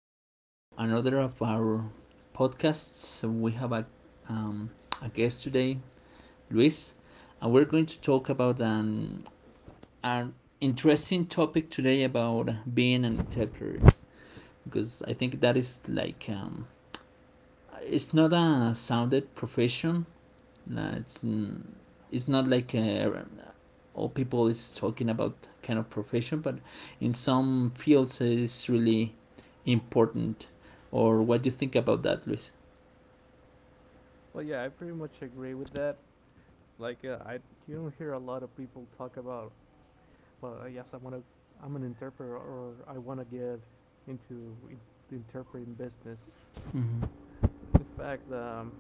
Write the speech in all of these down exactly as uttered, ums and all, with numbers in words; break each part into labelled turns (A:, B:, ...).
A: to another of our podcasts. We have a, um, a guest today, Luis, and we're going to talk about an, an interesting topic today about being an entrepreneur because I think that is like, um, it's not a sounded profession, uh, it's, it's not like a, all people is talking about kind of profession, but in some fields it's really important. Or what do you think about that, Luis?
B: Well, yeah, I pretty much agree with that. It's like uh, I you don't hear a lot of people talk about, but uh, yes, I want to. I'm an interpreter, or I want to get into in- the interpreting business.
A: Mm-hmm.
B: In fact, um,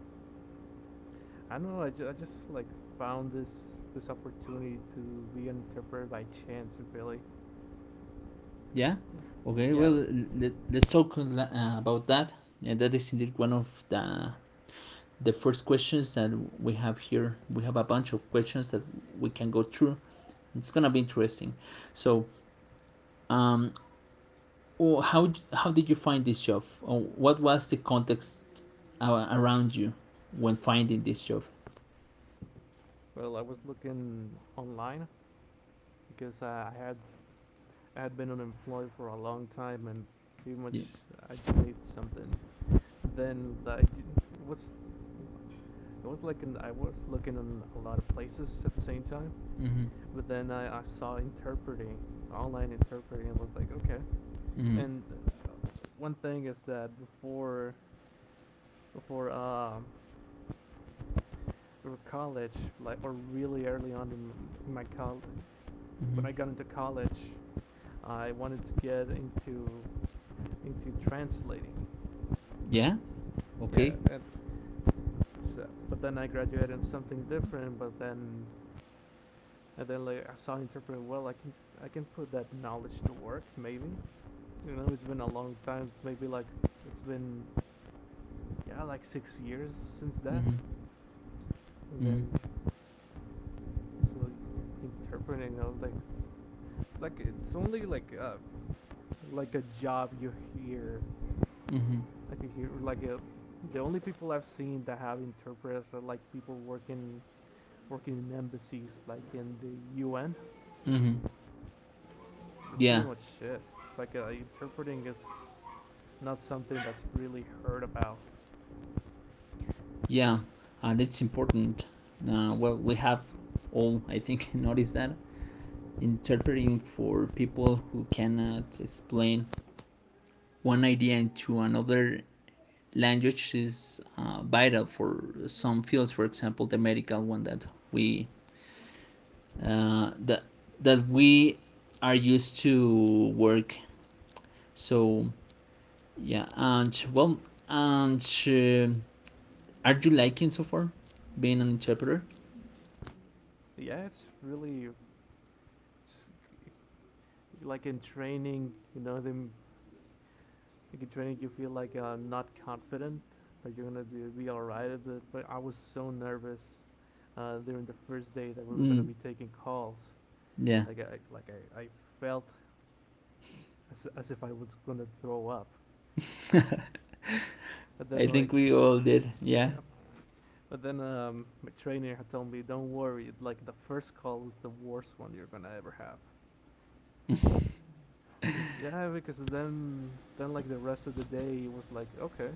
B: I don't know. I, ju- I just like found this this opportunity to be an interpreter by chance, really.
A: Yeah.
B: Yeah.
A: Okay.
B: Yeah.
A: Well, let, let's talk uh, about that. And that is indeed one of the the first questions that we have here. We have a bunch of questions that we can go through. It's gonna be interesting. So, um, oh, how how did you find this job? Or what was the context uh, around you when finding this job?
B: Well, I was looking online because uh, I had I had been unemployed for a long time and pretty much
A: Yeah.
B: I just need something. And then I it was it was like an, I was looking in a lot of places at the same time,
A: Mm-hmm.
B: but then I, I saw interpreting online interpreting and was like okay.
A: Mm-hmm.
B: And uh, one thing is that before before um or college like or really early on in my college
A: Mm-hmm.
B: when I got into college I wanted to get into into translating.
A: Yeah. Okay.
B: Yeah, uh, which uh, but then I graduated in something different. But then and then like I saw interpreting. Well, I can I can put that knowledge to work. Maybe you know it's been a long time. Maybe like it's been yeah like six years since that.
A: Mm-hmm.
B: And then
A: Mm-hmm.
B: so interpreting I was like it's like it's only like uh like a job you hear
A: Mm-hmm.
B: like you like a, the only people I've seen that have interpreters are like people working working in embassies like in the U N.
A: Mm-hmm.
B: That's pretty
A: Yeah.
B: much it. Like uh, interpreting is not something that's really heard about.
A: Yeah. And it's important. Uh, well, we have all, I think, noticed that interpreting for people who cannot explain one idea into another language is uh, vital for some fields. For example, the medical one that we uh, that that we are used to work. So yeah, and well, and uh, are you liking so far being an interpreter?
B: Yeah, it's really it's like in training. You know, them like in training, you feel like uh, not confident that you're gonna be be all right. But but I was so nervous uh, during the first day that we were gonna
A: Mm,
B: be taking calls.
A: yeah,
B: Like I like I, I felt as, as if I was gonna throw up. And
A: I
B: then like
A: think we all did. Yeah.
B: yeah, but then um, my trainer had told me, "Don't worry, like the first call is the worst one you're gonna ever have." And so yeah, because then then like the rest of the day it was like, okay,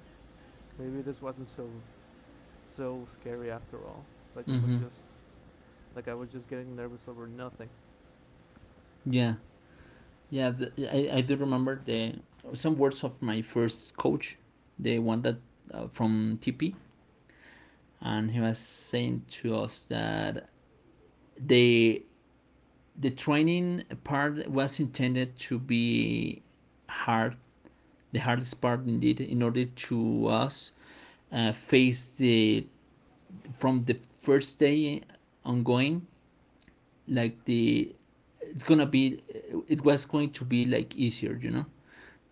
B: maybe this wasn't so so scary after all. Like it was
A: Mm-hmm.
B: just like I was just getting nervous over nothing.
A: Yeah, yeah. th I I do remember the some words of my first coach, the one that uh, from T P, and he was saying to us that the the training part was intended to be hard the hardest part indeed in order to us uh, face the from the first day ongoing like the it's gonna be it was going to be like easier, you know,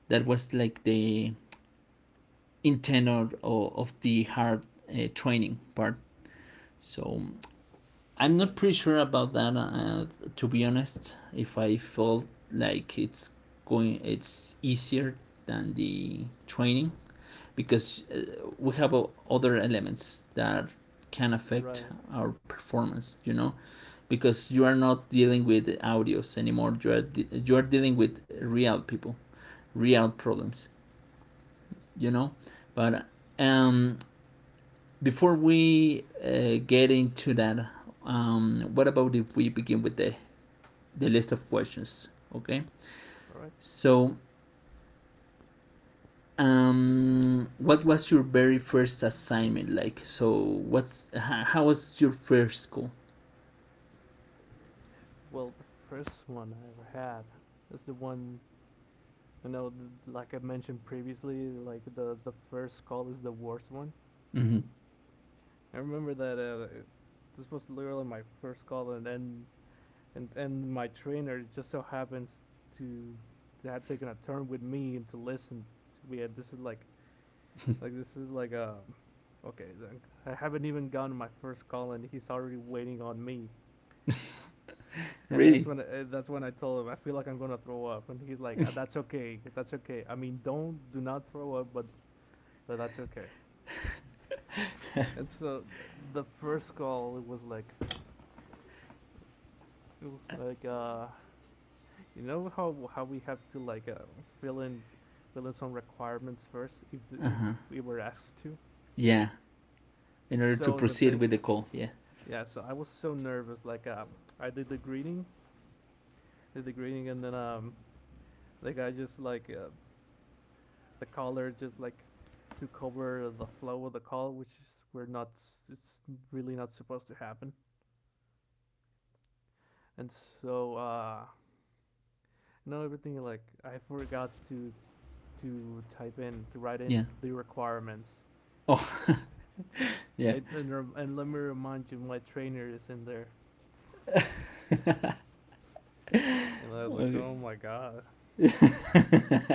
A: that was like the intent of, of the hard uh, training part, so I'm not
B: Right.
A: pretty sure about that. Uh, to be honest, if I felt like it's going, it's easier than the training, because uh, we have uh, other elements that can affect
B: Right.
A: our performance. You know, because you are not dealing with audios anymore. You are de- you are dealing with real people, real problems. You know, but um, before we uh, get into that, um, what about if we begin with the, the list of questions? Okay.
B: All right.
A: So, um, what was your very first assignment like? So, what's how, was your first call?
B: Well, the first one I ever had is the one I know, like I mentioned previously, like the the first call is the worst one.
A: Mm-hmm.
B: I remember that uh, this was literally my first call, and then and and my trainer just so happens to to have taken a turn with me and to listen to me. And this is like like this is like a okay. I haven't even gotten my first call, and he's already waiting on me. And that's
A: Really?
B: when uh, that's when I told him I feel like I'm gonna throw up, and he's like, "Uh, that's okay, that's okay. I mean, don't do not throw up, but but that's okay." And so the first goal it was like it was like uh you know how how we have to like uh, fill in fill in some requirements first if
A: Uh
B: if
A: huh.
B: we were asked to.
A: Yeah. In order to
B: So the
A: proceed
B: thing
A: with the call. Yeah.
B: yeah, so I was so nervous like uh I did the greeting, did the greeting and then um like I just like uh, the caller just like took over the flow of the call which is, we're not s- it's really not supposed to happen. And so uh no everything like I forgot to to type in to write in
A: Yeah.
B: the requirements
A: Oh, yeah.
B: and and, and let me remind you my trainer is in there and I was like
A: Okay.
B: oh my god.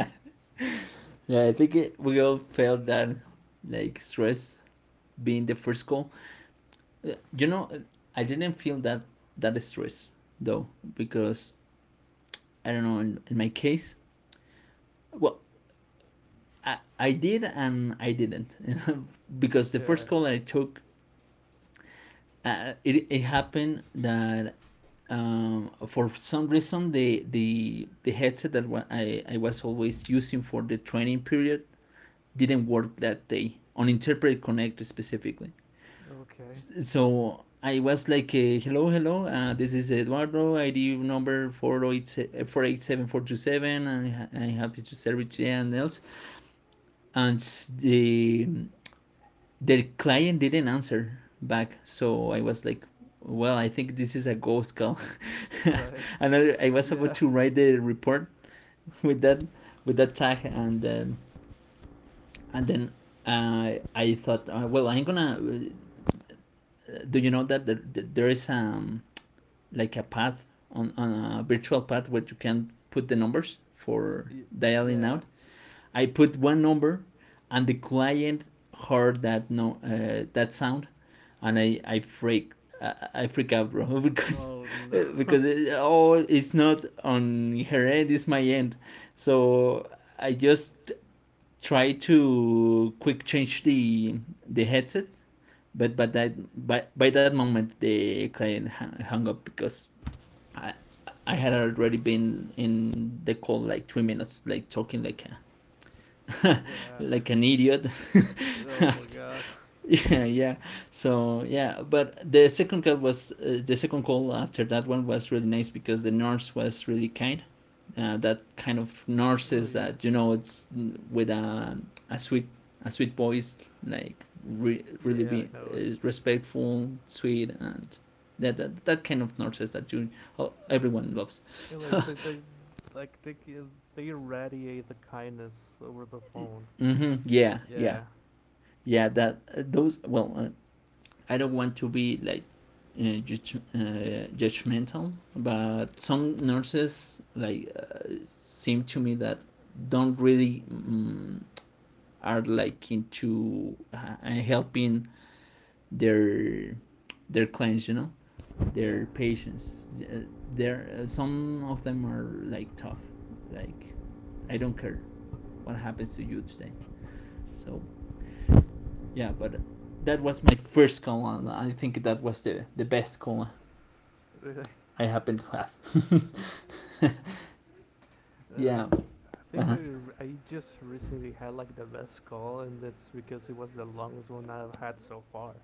A: Yeah, I think it, we all felt that like stress being the first call. You know, I didn't feel that that stress though, because I don't know, in, in my case, well, I, I did and I didn't because the first
B: Yeah.
A: call I took, uh, it, it happened that, um, for some reason the the the headset that wa- I, I was always using for the training period didn't work that day on interpret connect specifically.
B: Okay.
A: S- So I was like, uh, hello, hello, uh, this is Eduardo, I D number four eighty-seven and I- I'm happy to serve you and else. And s- the, the client didn't answer back. So I was like, well, I think this is a ghost call.
B: Right.
A: And I, I was about
B: Yeah,
A: to write the report with that with that tag, and then and then uh, I thought, uh, well, I'm gonna, uh, do you know that there, there there is, um, like a pad on, on a virtual pad where you can put the numbers for dialing
B: yeah.
A: out. I put one number, and the client heard that, no uh, that sound, and I I freak I, freak out, bro, because
B: Oh no.
A: because it, oh, it's not on her end, it's my end. So I just try to quick change the the headset, but but that by by that moment the client hung up because I, I had already been in the call like three minutes, like talking like a,
B: Yeah.
A: like an idiot.
B: Oh my god.
A: Yeah, yeah. So yeah, but the second call was uh, the second call after that one was really nice because the nurse was really kind. Uh, that kind of
B: Oh
A: nurses
B: yeah.
A: that you know it's with a a sweet a sweet voice like re- really
B: Yeah,
A: be
B: I know
A: uh,
B: it.
A: respectful, sweet, and that, that that kind of nurses that you oh, everyone loves.
B: Yeah, like they, they like they gi- they irradiate the kindness over the phone.
A: Mm-hmm. Yeah, yeah,
B: Yeah,
A: yeah. That uh, those. Well, uh, I don't want to be like uh, judge, uh, judgmental, but some nurses like, uh, seem to me that don't really, um, are like into, uh, helping their their clients. You know,
B: yeah.
A: their patients. Uh, there, uh, some of them are like tough. Like, I don't care what happens to you today. So yeah, but that was my first colon. I think that was the, the best colon I happened to have.
B: Uh, I,
A: Yeah.
B: ju- I think I
A: Uh-huh.
B: r- I just recently had like the best call, and that's because it was the longest one I've had so far.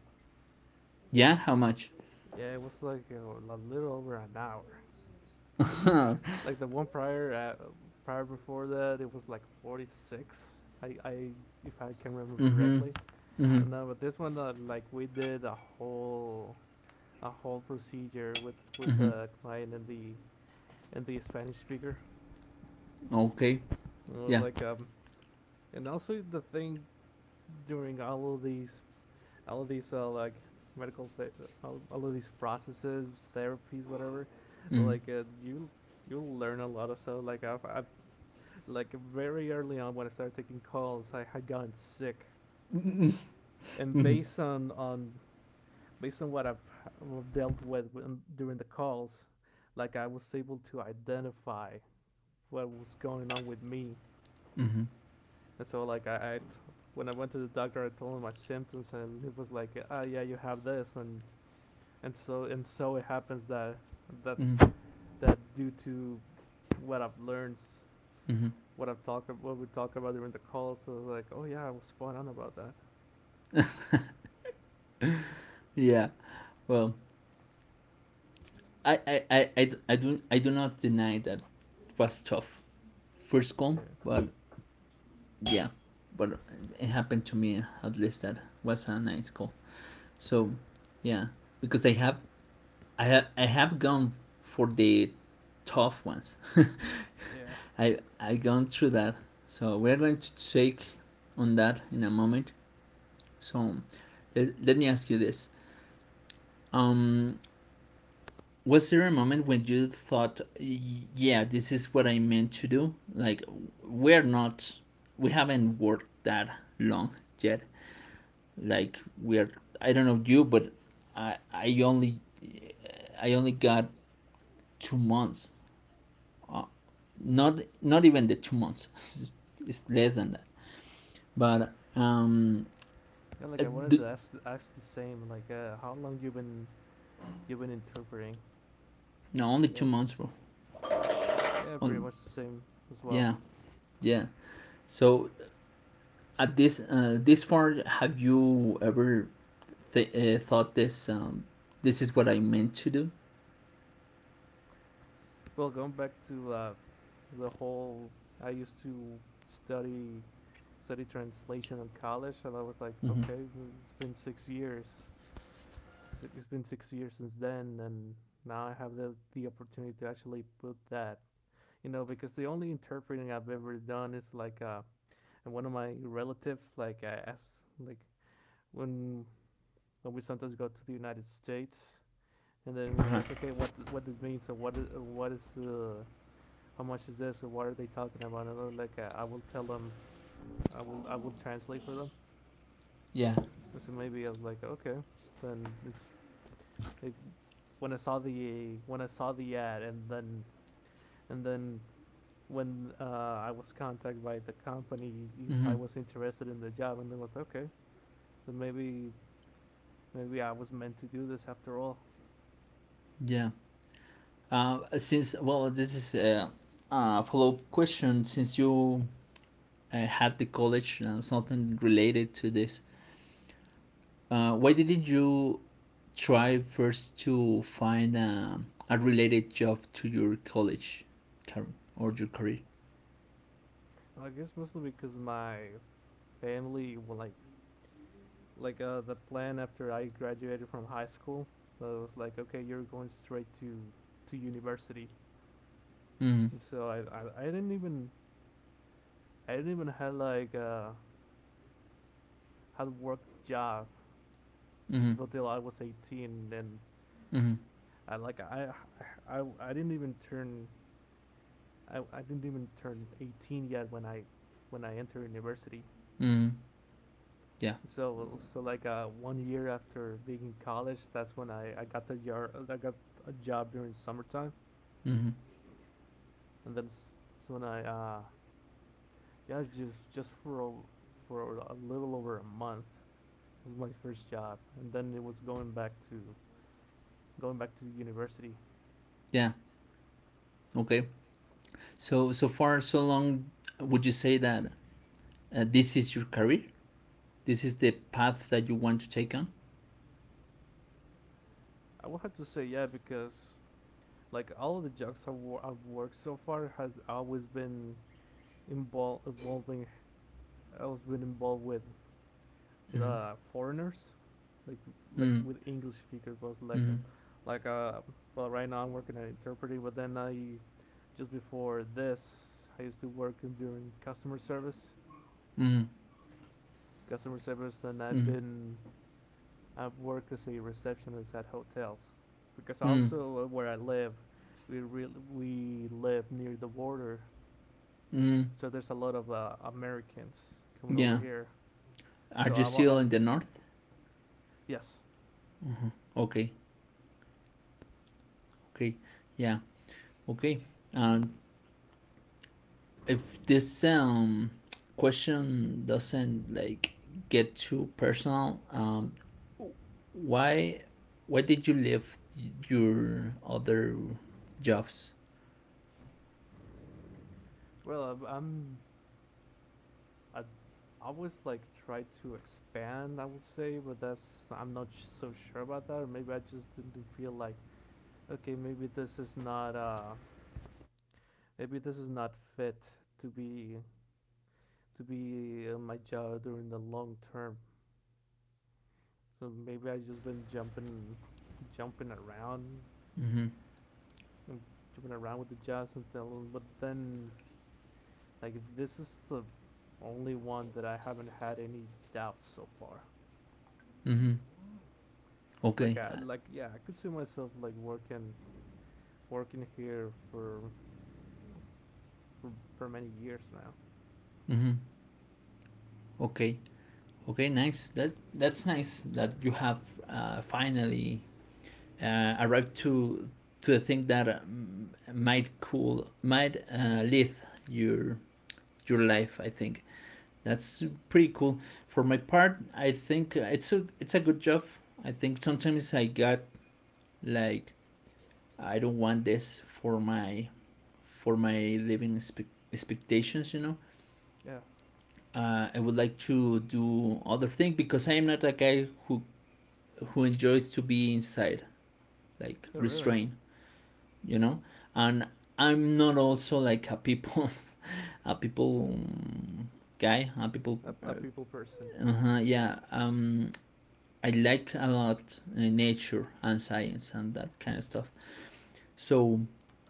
A: Yeah, how much?
B: Yeah, it was like you know, a little over an hour.
A: Mm-hmm,
B: Like the one prior uh, prior before that, it was like forty six. I, I if I can remember
A: mm-hmm,
B: correctly. But no, but this one uh, like we did a whole a whole procedure with with
A: mm-hmm.
B: the client and the and the Spanish speaker.
A: Okay.
B: And it was
A: Yeah.
B: like um and also the thing during all of these all of these uh, like medical th- all, all of these processes therapies whatever
A: Mm-hmm,
B: like uh, you you learn a lot of stuff like I've, I've like very early on when I started taking calls I had gotten sick and based on on based on what i've, I've dealt with when, during the calls like I was able to identify what was going on with me.
A: mm-hmm,
B: And so like I, I t- when I went to the doctor, I told him my symptoms, and it was like, ah, oh, yeah, you have this, and and so and so it happens that that
A: mm-hmm,
B: that due to what I've learned,
A: mm-hmm.
B: what I've talked, what we talk about during the calls, so I was like, oh yeah, I was spot on about that.
A: Yeah. Well, I I, I, I, I, do, I do not deny that it was tough. First call,
B: Yeah,
A: but yeah. But it happened to me at least that was a nice call. So,
B: yeah,
A: yeah. Because I have I ha- I have gone for the tough ones.
B: yeah,
A: I I gone through that. So we're going to take on that in a moment. So, let, let me ask you this. Um, was there a moment when you thought, yeah, this is what I meant to do? Like, we're not we haven't worked that long yet. Like, we're I don't know you, but I I only I only got two months, not not even the two months, it's less than that, but um
B: yeah. Like
A: uh,
B: I wanted to ask ask the same, like, uh, how long you been you been interpreting?
A: no, only two
B: Yeah,
A: months bro.
B: yeah, pretty
A: On,
B: much the same as well.
A: yeah, yeah, so at this, uh, this far, have you ever th- uh, thought this, um this is what I meant to do?
B: Well, going back to uh, to the whole, I used to study study translation in college, and I was like,
A: Mm-hmm.
B: okay, it's been six years. It's, it's been six years since then, and now I have the the opportunity to actually put that, you know, because the only interpreting I've ever done is like, uh, and one of my relatives, like, I asked, like, when when we sometimes go to the United States, and then we
A: Uh-huh.
B: ask, okay, what th- what this means, so what is what is the how much is this or what are they talking about? And I was like, uh, I will tell them, I will, I will translate for them.
A: Yeah.
B: And so maybe I was like, okay, then it's it, when I saw the when I saw the ad, and then and then when uh, I was contacted by the company if
A: Mm-hmm.
B: I was interested in the job, and they was like, okay, then maybe maybe I was meant to do this after all.
A: Yeah. Uh, since, well, this is a, a follow-up question, since you, uh, had the college, uh, something related to this, uh, why didn't you try first to find, um, a related job to your college car- or your career?
B: I guess mostly because my family, well, like like uh, the plan after I graduated from high school. So it was like, okay, you're going straight to to university.
A: Mm-hmm.
B: And so I, I, I didn't even I didn't even had like uh had worked a job
A: Mm-hmm.
B: until I was eighteen. And
A: Mm-hmm.
B: I like I I, I didn't even turn I, I didn't even turn eighteen yet when I when I entered university.
A: Mm-hmm. Yeah.
B: So so like uh, one year after being in college, that's when I, I got the yard I got a job during summertime,
A: Mm-hmm.
B: and then that's when I uh, yeah, just just for a, for a little over a month was my first job, and then it was going back to going back to university.
A: Yeah. Okay. So so far, so long, would you say that, uh, this is your career? This is the path that you want to take on?
B: I would have to say yeah because like all of the jobs I've, wor- I've worked so far has always been involved involving I was been involved with with
A: Mm-hmm.
B: uh foreigners, like like
A: Mm-hmm.
B: with English speakers, most like um, like uh well right now I'm working at interpreting, but then I just before this I used to work in, during customer service
A: Mm-hmm.
B: customer service, and I've
A: Mm-hmm.
B: been I've worked as a receptionist at hotels because
A: Mm-hmm.
B: also uh, where I live, we really we live near the border,
A: Mm-hmm.
B: so there's a lot of uh, Americans coming over
A: Yeah.
B: here.
A: Are
B: So
A: you
B: I, wa-
A: still
B: I
A: in the north?
B: yes,
A: Okay. Okay. Yeah. Okay. Uh, if this, um, question doesn't like get too personal, um, why why did you leave your other jobs?
B: well I've, I'm I I always like try to expand. I would say, but that's I'm not sh- so sure about that. Or maybe I just didn't feel like okay, maybe this is not uh maybe this is not fit to be to be in my job during the long term. So maybe I just been jumping, jumping around,
A: Mm-hmm.
B: and jumping around with the jobs until. But then, like this is the only one that I haven't had any doubts so far.
A: Mm-hmm.
B: Like
A: Okay.
B: I like yeah, I could see myself like working working here for for for many years now.
A: Mm-hmm. Okay. Okay. Nice. That that's nice that you have, uh, finally, uh, arrived to to the thing that, um, might cool might, uh, lead your your life. I think. That's pretty cool. For my part, I think it's a it's a good job. I think sometimes I got like I don't want this for my for my living expe- expectations, you know.
B: Yeah,
A: Uh, I would like to do other thing because I am not a guy who who enjoys to be inside, like
B: no, really.
A: restrained, you know. And I'm not also like a people a people um, guy, a people.
B: A, a
A: Uh,
B: people person.
A: uh-huh, yeah. Um, I like a lot, uh, nature and science and that kind of stuff. So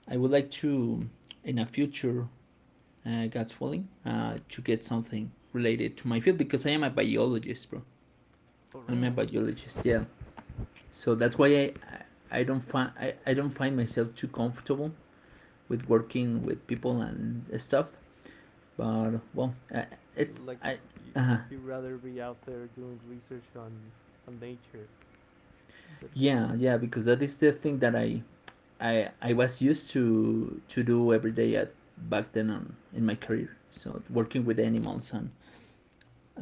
A: I would like to, in a future, uh, God's willing, uh, to get something related to my field because I am a biologist, bro.
B: Oh
A: I'm a
B: really?
A: biologist, yeah. So that's why I, I, I don't find I, I don't find myself too comfortable with working with people and stuff. But well, uh, it's
B: Like
A: I,
B: you,
A: uh,
B: you'd rather be out there doing research on on nature than
A: yeah, yeah, because that is the thing that I I I was used to to do every day at back then on in my career. So working with animals and,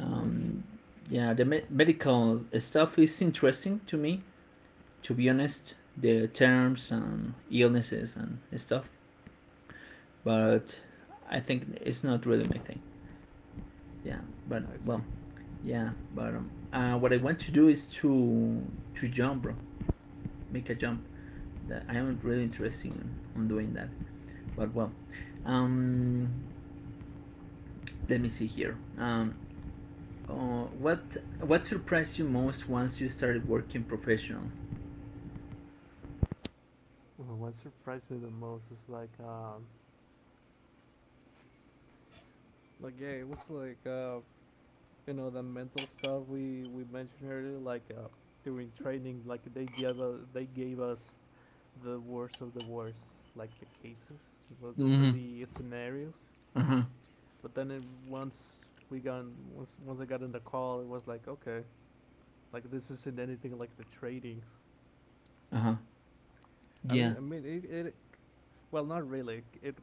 B: oh, nice.
A: yeah, the me- medical stuff is interesting to me. To be honest, the terms and illnesses and stuff, but I think it's not really my thing. Yeah, but
B: I see.
A: well, yeah, but, um, uh, what I want to do is to to jump, bro. Make a jump that I am really interested in on doing that. But well, um, let me see here. Um, uh, what what surprised you most once you started working professional?
B: Well, what surprised me the most is like um like yeah, it was like uh you know the mental stuff we we mentioned earlier. Like uh during training, like they gave us they gave us the worst of the worst, like the cases but- or
A: Mm-hmm.
B: the scenarios. But then it, once we got in, once once I got in the call, it was like okay, like this isn't anything like the tradings.
A: Uh huh.
B: I
A: Yeah.
B: mean, I mean, it, it well, not really. It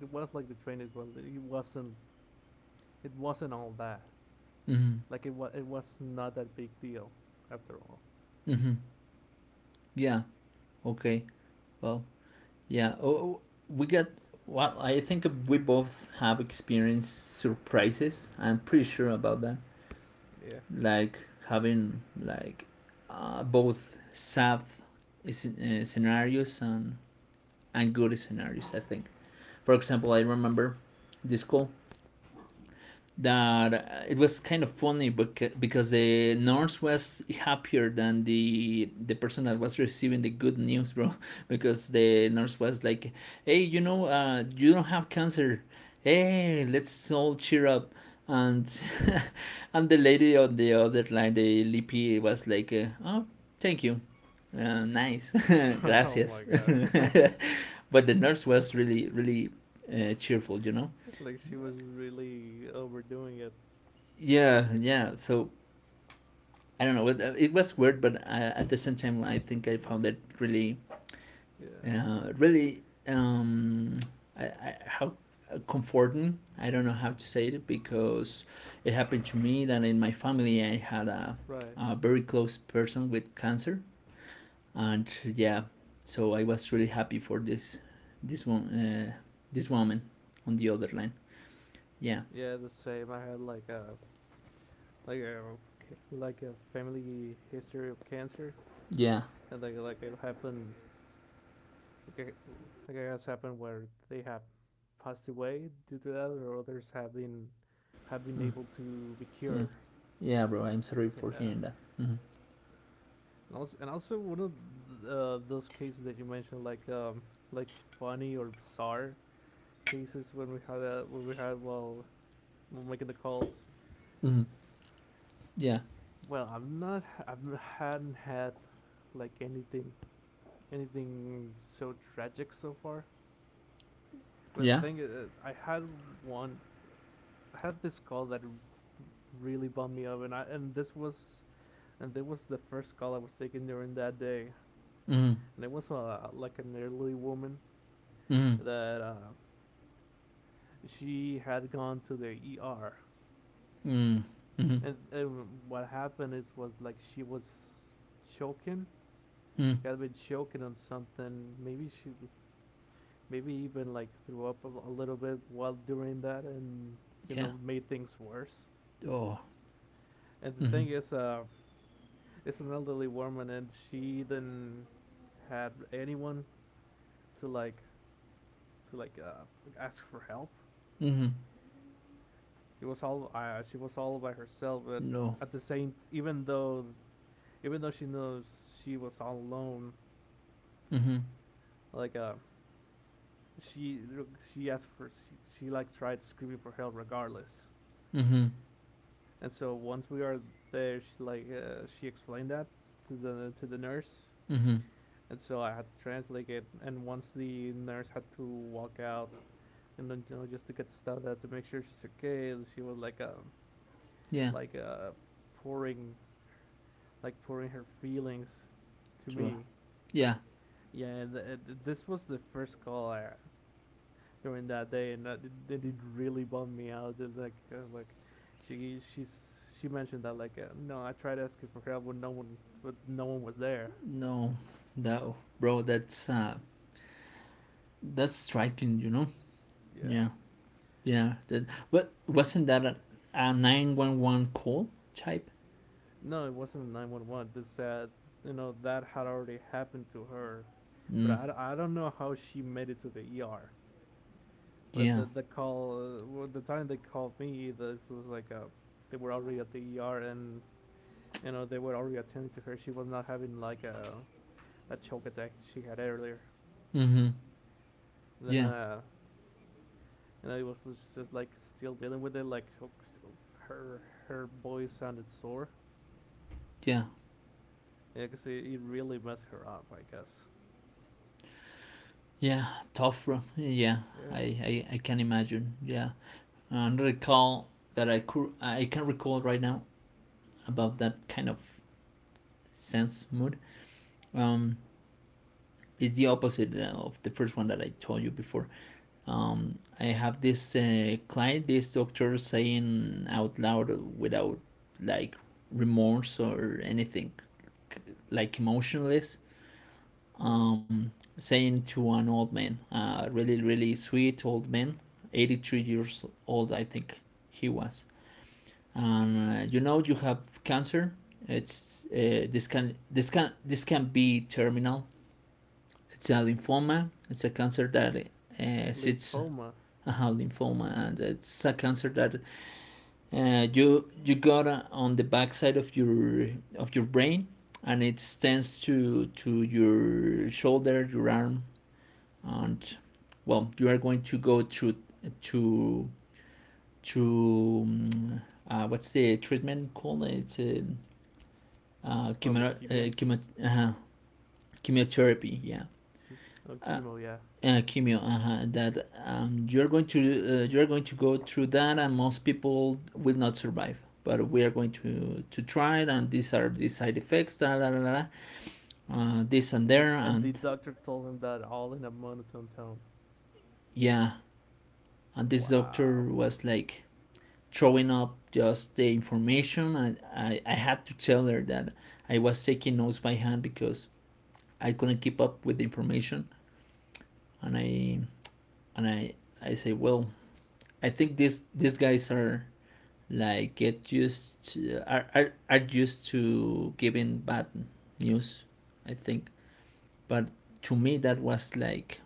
B: it was like the train is well, it wasn't it wasn't all that.
A: Mm-hmm.
B: Like it was it was not that big deal after all.
A: Mm-hmm. Yeah. Okay. Well. Yeah. Oh, we got. Well, I think we both have experienced surprises. I'm pretty sure about that.
B: Yeah.
A: Like having like, uh, both sad, uh, scenarios and and good scenarios. I think, for example, I remember this call that, uh, it was kind of funny because the nurse was happier than the the person that was receiving the good news, bro, because the nurse was like, hey, you know, uh, you don't have cancer, hey, let's all cheer up, and
B: Right.
A: and the lady on the other line, the lippy, was like, uh, oh, thank you, uh, nice,
B: Oh
A: gracias,
B: my god.
A: but the nurse was really really, uh, cheerful, you know,
B: Like she was really overdoing it.
A: yeah, yeah, so I don't know. It was weird, but I, at the same time, I think I
B: Yeah.
A: found it really,
B: Yeah.
A: uh, really, um, I, I, how comforting. I don't know how to say it because it happened to me that in my family I had a,
B: Right.
A: a very close person with cancer, and yeah, so I was really happy for this, this one, uh, this woman on the other line. Yeah,
B: Yeah, the same. I had like a like a ca- like a family history of cancer,
A: yeah,
B: and like like it happened like it, like it has happened where they have passed away due to that, or others have been have been
A: mm,
B: able to be
A: yeah,
B: cured.
A: yeah, bro. I'm sorry for
B: Yeah,
A: hearing that.
B: and also and also one of th- uh, those cases that you mentioned, like um like funny or bizarre cases when we had that when we had while while making the calls.
A: Mm, yeah,
B: Well, I'm not I've hadn't had like anything anything so tragic so far. But the
A: yeah.
B: thing is, uh, I had one, I had this call that really bummed me up, and I and this was and this was the first call I was taking during that day,
A: Mm,
B: and it was uh, like an elderly woman
A: mm,
B: that uh, she had gone to the E R,
A: Mm. Mm-hmm.
B: and, and what happened is was like she was choking,
A: Mm.
B: she had been choking on something, maybe she maybe even like threw up a, a little bit while doing that, and you
A: Yeah.
B: know made things worse.
A: Oh.
B: And the
A: Hmm.
B: thing is, uh, it's an elderly woman and she didn't had anyone to like to like uh, ask for help.
A: Hmm.
B: It was all uh, she was all by herself. But
A: No.
B: at the same, even though even though she knows she was all alone,
A: Hmm.
B: like uh, she she asked for she, she like tried screaming for help regardless.
A: Hmm.
B: And so once we are there, she like uh, she explained that to the to the nurse,
A: Hmm.
B: and so I had to translate it. And once the nurse had to walk out, and then you know, just to get the stuff out to make sure she's okay. She was like um
A: Yeah.
B: like uh pouring like pouring her feelings to
A: Sure.
B: me.
A: Yeah.
B: Yeah, and and this was the first call I, during that day, and that it, it really bummed me out. It, like uh, like she she's she mentioned that like uh, no, I tried asking for help but no one but no one was there.
A: No. That Bro, that's uh that's striking, you know?
B: Yeah,
A: Yeah. Yeah. That But wasn't that a, a nine one one call type?
B: no, it wasn't nine one one. This uh you know that had already happened to her, but
A: Mm.
B: I I d- I don't know how she made it to the E R. But
A: Yeah.
B: the the call, uh, well, the time they called me, the, it was like uh, they were already at the E R and you know they were already attending to her. She was not having like a that choke attack she had earlier.
A: Hmm.
B: And then
A: Yeah.
B: uh, you know it was just, just like still dealing with it. Like so, so, her her voice sounded sore.
A: Yeah.
B: Yeah, because it, it really messed her up, I guess.
A: Yeah. Tough, bro. Yeah. I,
B: Yeah,
A: I, I can imagine. Yeah. Another call that I could I can recall right now about that kind of sense mood, um, is the opposite uh, of the first one that I told you before. Um, I have this uh, client, this doctor saying out loud without like remorse or anything, like emotionless,
B: right.
A: um, saying to an old man, uh, really, really sweet old man, eighty-three years old, I think he was. And uh, you know, you have cancer. It's uh, this can this can this can be terminal. It's a lymphoma. It's a cancer that uh, sits
B: Lymphoma,
A: a lymphoma, and it's a cancer that uh, you you got uh, on the backside of your of your brain, and it extends to to your shoulder, your arm, and well, you are going to go through to to um, uh, what's the treatment called? It's uh, uh,
B: well,
A: chemo,
B: leukemia.
A: uh, chemo, uh, chemotherapy. Yeah,
B: Oh, chemo, yeah.
A: uh, Kimio, uh-huh, that um, you're going to uh, you're going to go through that, and most people will not survive. But we are going to to try it, and these are the side effects, da da da da, uh, this and
B: And
A: there,
B: and
A: and
B: the doctor told him that all in a monotone tone.
A: yeah. And this
B: Wow.
A: doctor was like throwing up just the information, and I, I had to tell her that I was taking notes by hand because I couldn't keep up with the information, and I and I I say, well, I think these these guys are like get used to, are, are, are used to giving bad news, I think, but to me that was like,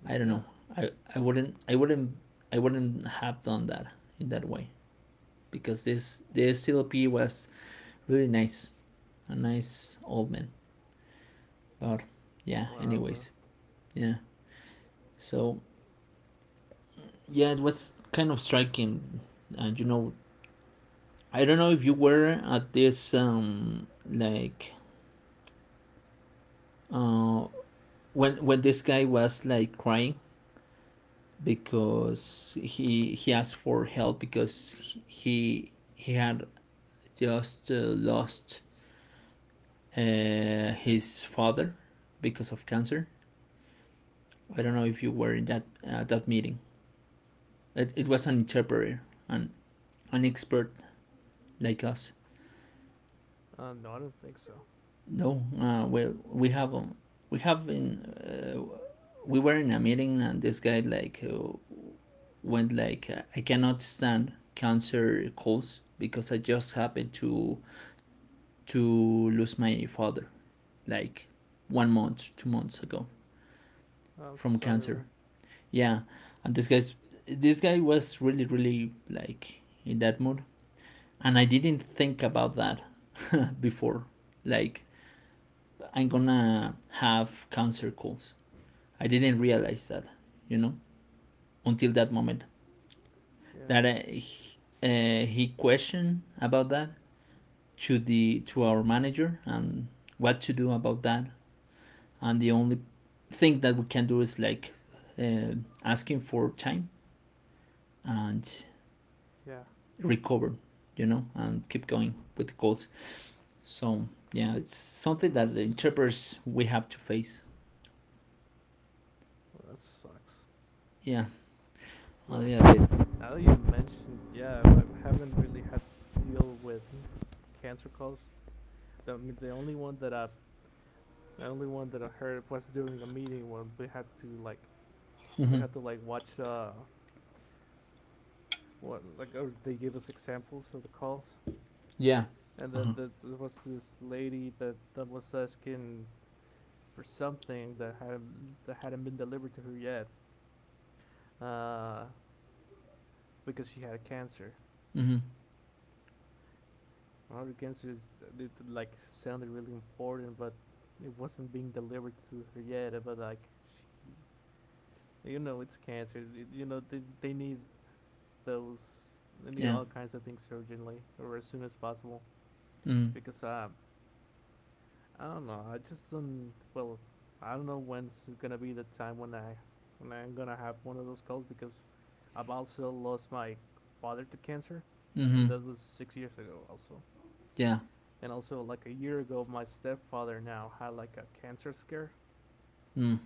B: Well,
A: I don't
B: yeah.
A: know, i, I wouldn't i wouldn't I wouldn't have done that in that way because this this C L P was really nice, a nice old man, but yeah,
B: Wow, bro.
A: anyways, yeah, so yeah, it was kind of striking, and you know, I don't know if you were at this, um like uh when when this guy was like crying because he he asked for help because he he had just uh, lost uh, his father because of cancer. I don't know
B: Wow.
A: if you were in that uh, that meeting. It, it was an interpreter, an an expert like us.
B: Uh, no, I don't think so.
A: No, uh, well, we have um, we have been uh, we were in a meeting and this guy like uh, when like uh, I cannot stand cancer calls because I just happened to to lose my father like one month, two months ago
B: I'm so
A: from
B: sorry,
A: cancer.
B: bro.
A: Yeah, and this guy's this guy was really really like in that mood, and I didn't think about that before. Like I'm gonna have cancer calls. I didn't realize that, you know, until that moment
B: Yeah,
A: that I, uh, he questioned about that to the to our manager and what to do about that. And the only thing that we can do is like, uh, asking for time and
B: yeah.
A: recover, you know, and keep going with the goals. So yeah, it's something
B: No,
A: that the
B: s-
A: interpreters we have to face.
B: well, that sucks.
A: Yeah, a
B: Well,
A: little.
B: now that you mentioned, yeah, I haven't really had to deal with cancer calls. The, the only one that I, the only one that I heard was during a meeting when we had to like we
A: Mm-hmm.
B: had to like watch uh what like or they gave us examples of the calls
A: Yeah.
B: and then
A: Uh-huh.
B: the, there was this lady that, that was asking for something that had that hadn't been delivered to her yet uh because she had cancer.
A: Mm-hmm.
B: Her cancer is it, like sounded really important but it wasn't being delivered to her yet but like she you know it's cancer. You know they, they need those. They need
A: Yeah.
B: all kinds of things urgently or as soon as possible
A: Mm.
B: because um I don't know. I just don't. Well, I don't know when's gonna be the time when I when I'm gonna have one of those calls because I've also lost my father to cancer,
A: Mm-hmm.
B: and that was six years ago also.
A: Yeah.
B: And also like a year ago, my stepfather now had like a cancer scare,
A: Mm.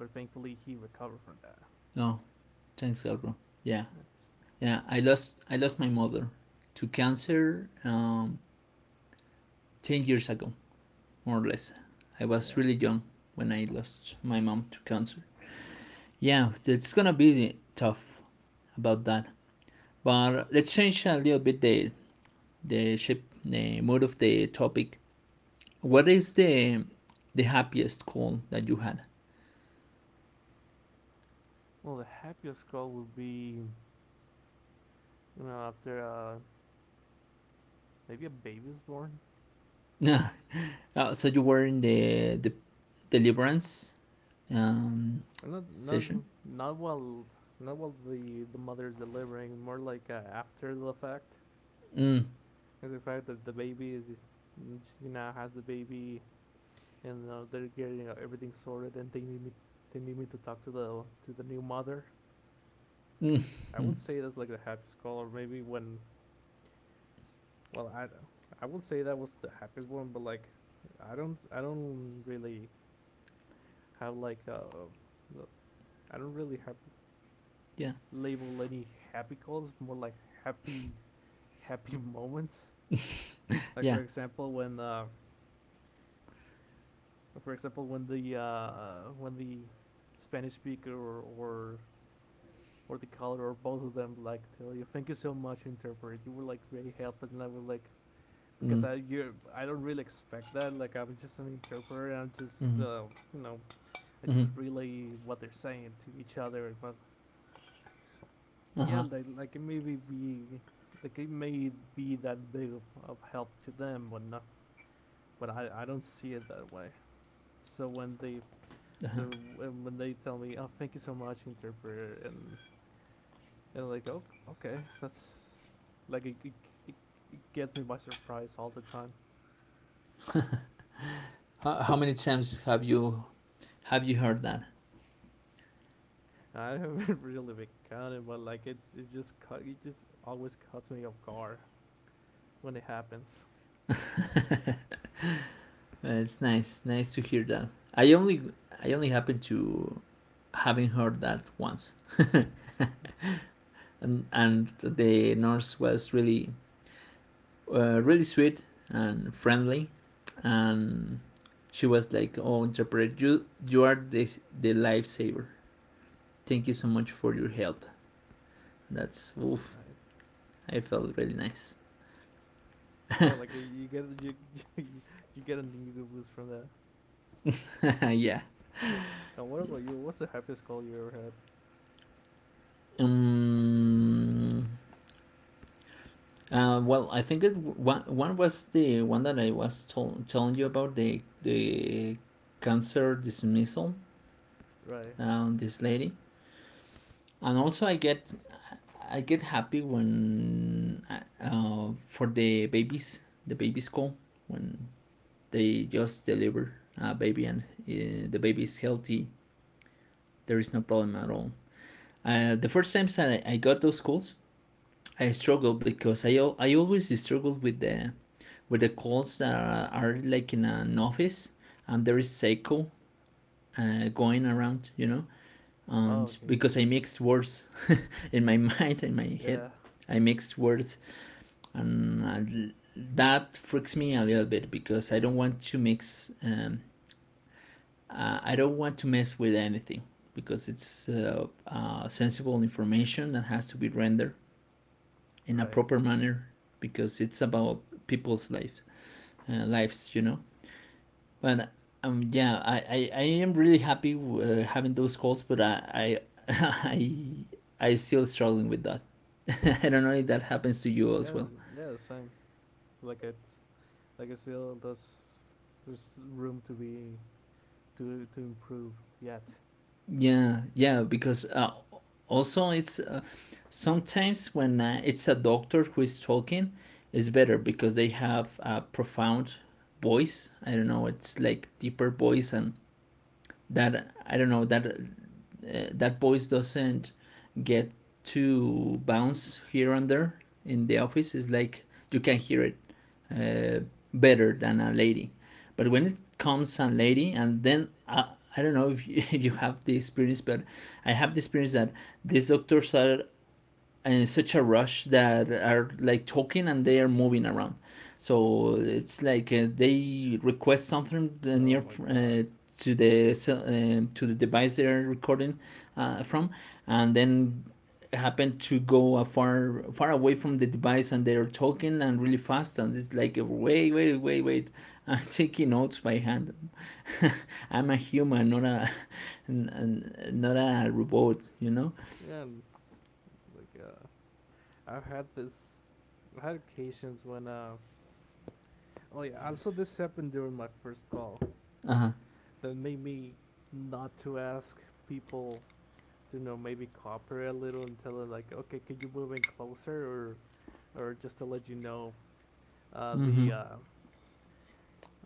B: but thankfully he recovered from that.
A: No. Thanks, God, bro. Yeah.
B: Yeah,
A: Yeah. I lost. I lost my mother to cancer. Um, ten years ago, more or less. I
B: yeah,
A: was
B: of
A: really young when I lost my mom to cancer. Yeah, it's gonna be tough about that. But let's change a little bit the the shape, the mode of the topic.
B: course.
A: What is the the happiest call that you had?
B: Well, the happiest call would be you know after uh, maybe a baby is born.
A: Uh, so you were in the the deliverance, um,
B: Or not not
A: session.
B: not while not while the the mother's delivering, more like uh, after the fact.
A: Mm,
B: As the fact that the baby is she now has the baby and uh, they're getting uh, everything sorted and they need me they need me to talk to the to the new mother.
A: mm,
B: I
A: mm,
B: would say that's like the happiest call or maybe when well I I would say that was the happiest one but like I don't I don't really have like uh I don't really have
A: yeah,
B: label any happy calls, more like happy happy moments. Like for
A: yeah.
B: example, when uh, for example when the uh, uh, when the Spanish speaker or, or or the caller or both of them like tell you thank you so much interpreter you were like great help and I was like because
A: Mm,
B: I you I don't really expect that like I'm just an interpreter and I'm just
A: mm,
B: uh, you know I just
A: mm,
B: relay what they're saying to each other but
A: uh
B: yeah,
A: huh,
B: like like it maybe be like it may be that big of, of help to them, but not. But I I don't see it that way. So when they
A: uh huh.
B: so when, when they tell me, oh, thank you so much, interpreter, and and like, oh, okay, that's like it, it, it, it gets me by surprise all the time.
A: How, how many times have you— have you heard that?
B: I haven't really been counting, but like it's it just cut it just always cuts me off guard when it happens,
A: It's nice, nice to hear that. I only, I only happen to having heard that once, and and the nurse was really, uh, really sweet and friendly, and she was like, "Oh, interpret, you, you are the the lifesaver. Thank you so much for your help." That's oof.
B: right?
A: I felt really nice.
B: Yeah, like uh, you get you you get a ego boost from that.
A: Yeah.
B: Wait, and what about you? What's the happiest call you ever had?
A: Um, uh, well, I think it one one was the one that I was tol- telling you about the the cancer dismissal.
B: Right.
A: Uh, this lady, and also I get I get happy when uh, uh, for the babies the babies call when they just deliver a baby and uh, the baby is healthy. There is no problem at all. Uh, the first times that I, I got those calls, I struggled because I I always struggled with the— where the calls are, are like in an office and there is echo uh, going around, you know,
B: Oh,
A: and
B: okay, yeah.
A: because I mixed words in my mind, in my head,
B: Yeah,
A: I mixed words, and uh, that freaks me a little bit because I don't want to mix, um, uh, I don't want to mess with anything because it's uh, uh, sensible information that has to be rendered in a
B: right.
A: proper manner because it's about people's lives, uh, lives, you know. But um, yeah, I, I, I am really happy uh, having those calls, but I I I, I still struggling with that. I don't know if that happens to you as
B: Yeah,
A: well.
B: yeah, same. Like it's like I feel there's there's room to be to to improve yet.
A: Yeah, yeah, because uh, also it's uh, sometimes when uh, it's a doctor who is talking, it's better because they have a profound voice. I don't know, it's like deeper voice and that, I don't know, that uh, that voice doesn't get to bounce here and there in the office. It's like you can hear it, uh, better than a lady. But when it comes a lady, and then I, I don't know if you, if you have the experience, but I have the experience that these doctors are in such a rush that are like talking and they are moving around. So it's like uh, they request something uh, near
B: Oh my
A: uh,
B: god.
A: to the uh, to the device they're recording uh, from, and then happen to go a far far away from the device and they're talking and really fast and it's like wait wait wait wait, I'm taking notes by hand. I'm a human, not a not a robot, you know.
B: Yeah, and, like uh, I've had this. I had occasions when uh oh yeah, also, this happened during my first call
A: Uh-huh.
B: that made me not to ask people to you know maybe cooperate a little and tell them like, okay, could you move in closer or or just to let you know uh,
A: Mm-hmm.
B: the uh,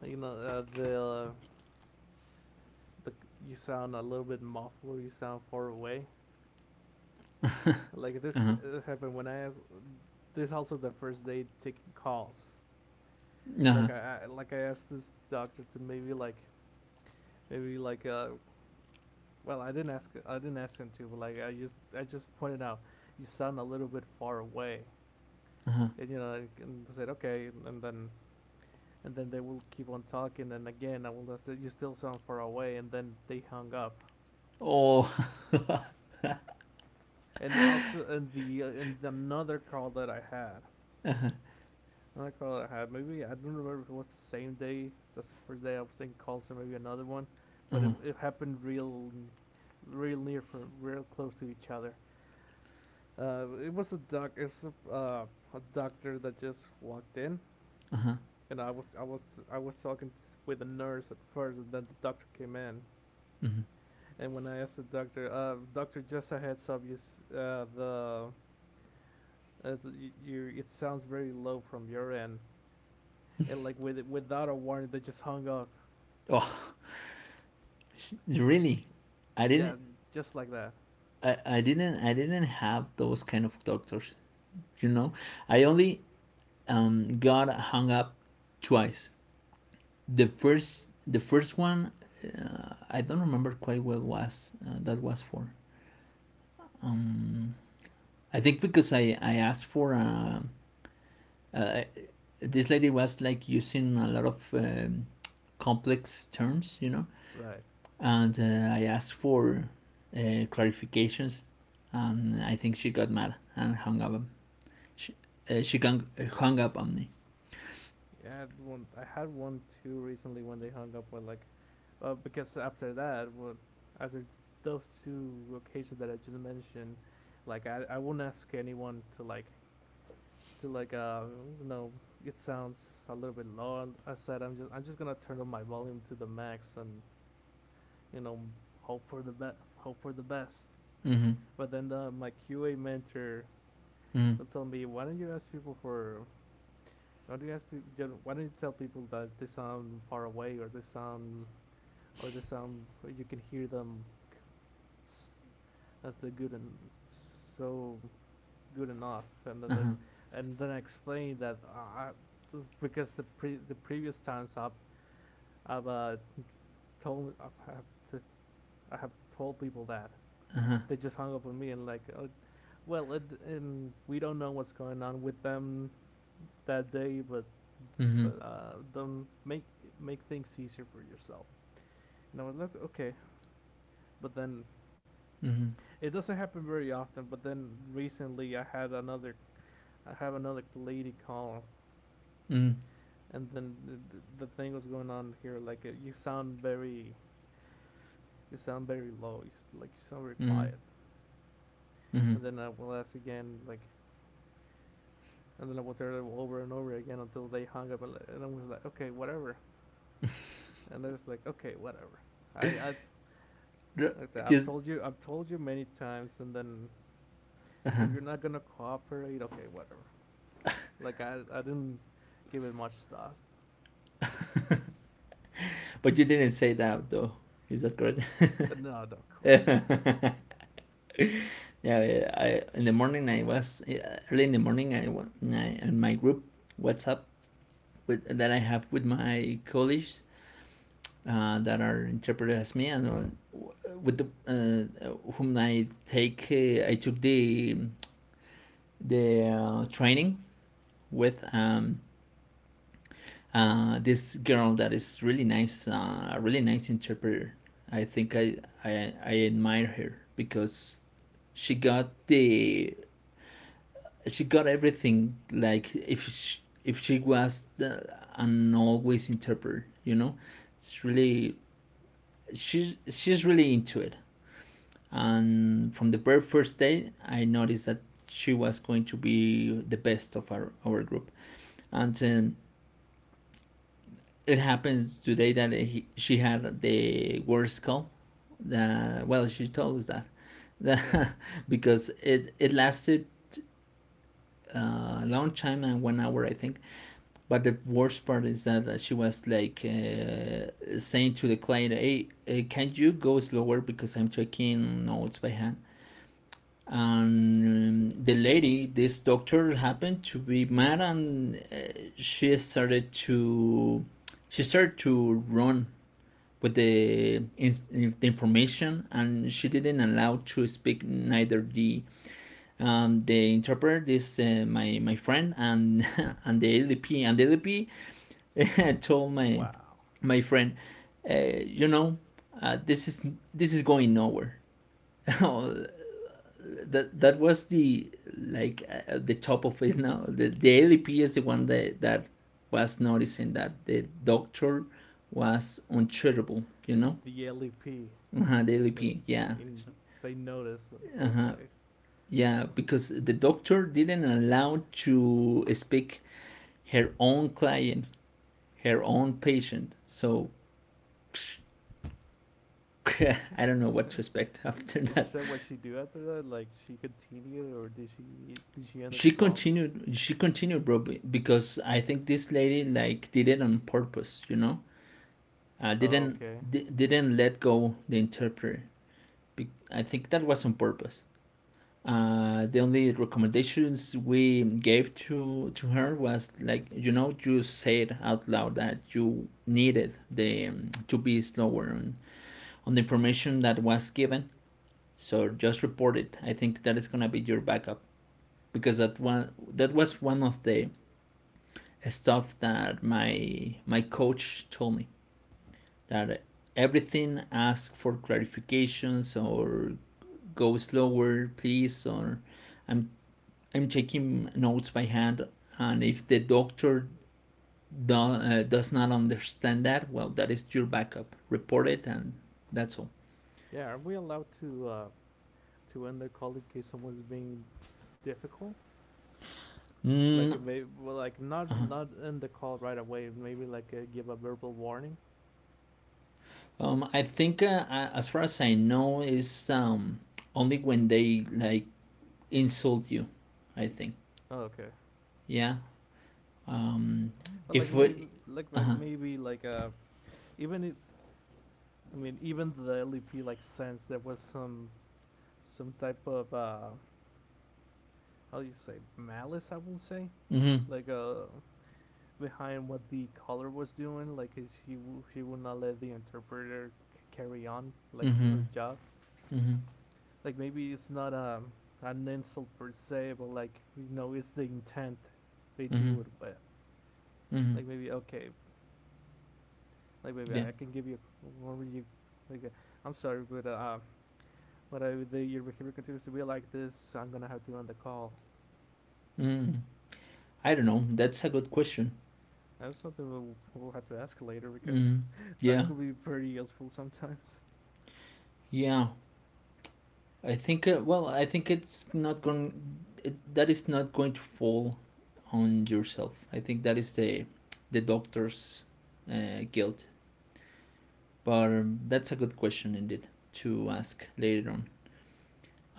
B: you know uh, the uh, the you sound a little bit muffled, or you sound far away. Like this
A: Uh-huh.
B: uh, happened when I asked. This also the first day taking calls.
A: Uh-huh.
B: Like I, I like I asked this doctor to maybe like maybe like uh, well, I didn't ask. I didn't ask him to, but like I just, I just pointed out you sound a little bit far away,
A: Uh-huh.
B: and you know, like, and they said okay, and, and then and then they will keep on talking, and again I will say you still sound far away, and then they hung up.
A: Oh.
B: And also, and the and another call that I had, another call that I had, maybe I don't remember if it was the same day. That's the first day I was thinking calls, or maybe another one, but it,
A: Uh-huh.
B: it happened real, real near, for real close to each other. Uh, it was a doc. It was a, uh, a doctor that just walked in,
A: Uh-huh.
B: and I was I was I was talking with a nurse at first, and then the doctor came in.
A: Hmm.
B: And when I asked the doctor, uh, doctor, just a heads up, you, uh, the, uh, the you, you, it sounds very low from your end, and like with without a warning, they just hung up.
A: Oh, really? I didn't
B: Yeah, just like that.
A: I, I didn't I didn't have those kind of doctors, you know? I only um got hung up twice. The first the first one, uh, I don't remember quite well, was uh, that was for. Um, I think because I I asked for um, uh, this lady was like using a lot of um, complex terms, you know?
B: Right.
A: And uh, I asked for uh, clarifications, and I think she got mad and hung up. She, uh, she hung up on me.
B: Yeah, I one I had one too recently when they hung up with like, uh, because after that, well, after th- those two occasions that I just mentioned, like I I wouldn't ask anyone to like to like uh you know it sounds a little bit low, and I said I'm just I'm just gonna turn up my volume to the max and you know hope for the best hope for the best.
A: Mhm.
B: But then the, my Q A mentor
A: Mhm.
B: will tell me why don't you ask people for? Why do you ask people? Why don't you tell people that they sound far away, or they sound, or they sound? You can hear them as they're good and so good enough, and then
A: Uh huh.
B: like and then I explain that uh, I, because the pre the previous times I've I've uh, told I've, have t- I have told people that
A: Uh huh.
B: they just hung up on me and like, uh, well, it, and we don't know what's going on with them. That day, but
A: Mhm.
B: but uh, don't make make things easier for yourself. And I was like, okay, but then
A: Mhm.
B: it doesn't happen very often. But then recently, I had another I have another lady call,
A: Mhm.
B: and then the, the, thing was going on here. Like uh, you sound very you sound very low. You, like you sound very
A: Mhm.
B: quiet.
A: Mhm.
B: And then I will ask again, like, and then I will tell them over and over again until they hung up. And, and I was like, okay, whatever. And I was like, okay, whatever. I, I
A: R—
B: Like that, I've
A: just,
B: told you, I've told you many times, and then you're not gonna cooperate. Okay, whatever. Like I, I didn't give it much thought.
A: but you didn't say that though. Is that correct?
B: Uh, No, no, of course not.
A: Yeah. I in the morning I was— early in the morning I, wa- I in my group WhatsApp with that I have with my colleagues uh, that are interpreted as me, and uh, with the uh, whom I take, uh, I took the the uh, training with um, uh, this girl that is really nice, uh, a really nice interpreter. I think I, I I admire her because she got the she got everything, like if she, if she was the, an always interpreter, you know. It's really— she's she's really into it, and from the very first day I noticed that she was going to be the best of our, our group. And um, it happens today that he, she had the worst call, uh, well, she told us that,
B: Yeah.
A: that because it, it lasted uh, a long time and one hour I think, but the worst part is that she was like uh, saying to the client, hey uh, can you go slower because I'm taking notes by hand. And um, the lady— this doctor happened to be mad and uh, she started to she started to run with the, in, the information, and she didn't allow to speak neither the, um, the interpreter, this uh, my my friend, and and the L D P, and the L D P told my
B: Wow.
A: my friend, uh, you know, uh, this is— this is going nowhere. That that was the, like uh, the top of it now. The, the L D P is the one that that was noticing that the doctor was untreatable. You know,
B: The L E P,
A: Uh-huh, the
B: like,
A: L D P, yeah.
B: in, they notice.
A: Uh-huh.
B: Okay.
A: Yeah, because the doctor didn't allow to speak her own client, her own patient. So I don't know what to expect after
B: Did she
A: that.
B: say what she do after that? Like she continued, or did she did she end the
A: She
B: call?
A: continued. She continued, bro, because I think this lady like did it on purpose. You know, uh, didn't
B: Okay.
A: di- didn't let go the interpreter. I think that was on purpose. Uh, the only recommendations we gave to to her was like you know you said out loud that you needed the um, to be slower on, on the information that was given. So just report it. I think that is gonna be your backup because that one that was one of the stuff that my my coach told me that everything asks for clarifications or go slower, please, or I'm I'm taking notes by hand, and if the doctor do, uh, does not understand that, well, that is your backup. Report it, and that's all.
B: Yeah, are we allowed to uh to end the call in case someone's being difficult?
A: Mm,
B: Like it may well, like not not end the call right away. Maybe like uh, give a verbal warning.
A: um, I think, uh, as far as I know, is um, only when they like insult you. I think,
B: Oh, okay.
A: yeah. Um,
B: But like
A: if
B: maybe
A: we,
B: like
A: uh
B: like
A: huh,
B: maybe like uh even if I mean even the L E P like sense there was some some type of uh how do you say malice I will say
A: mm-hmm.
B: like uh behind what the caller was doing, like is she w- she would not let the interpreter c- carry on, like do
A: Mm-hmm.
B: her job.
A: Mm-hmm.
B: Like maybe it's not a an insult per se, but like you know, it's the intent they
A: Mm-hmm.
B: do it with.
A: Mm-hmm.
B: Like maybe okay, like maybe
A: Yeah.
B: I can give you what would you like. uh, I'm sorry, but uh, what I the, your behavior continues to be like this, so I'm gonna have to end the call.
A: Mm. I don't know. That's a good question.
B: That's something we'll, we'll have to ask later because
A: Mm.
B: that
A: Yeah.
B: could be pretty useful sometimes.
A: Yeah. I think. Uh, well, I think it's not going. It, that is not going to fall on yourself. I think that is the the doctor's uh, guilt. But um, that's a good question indeed to ask later on.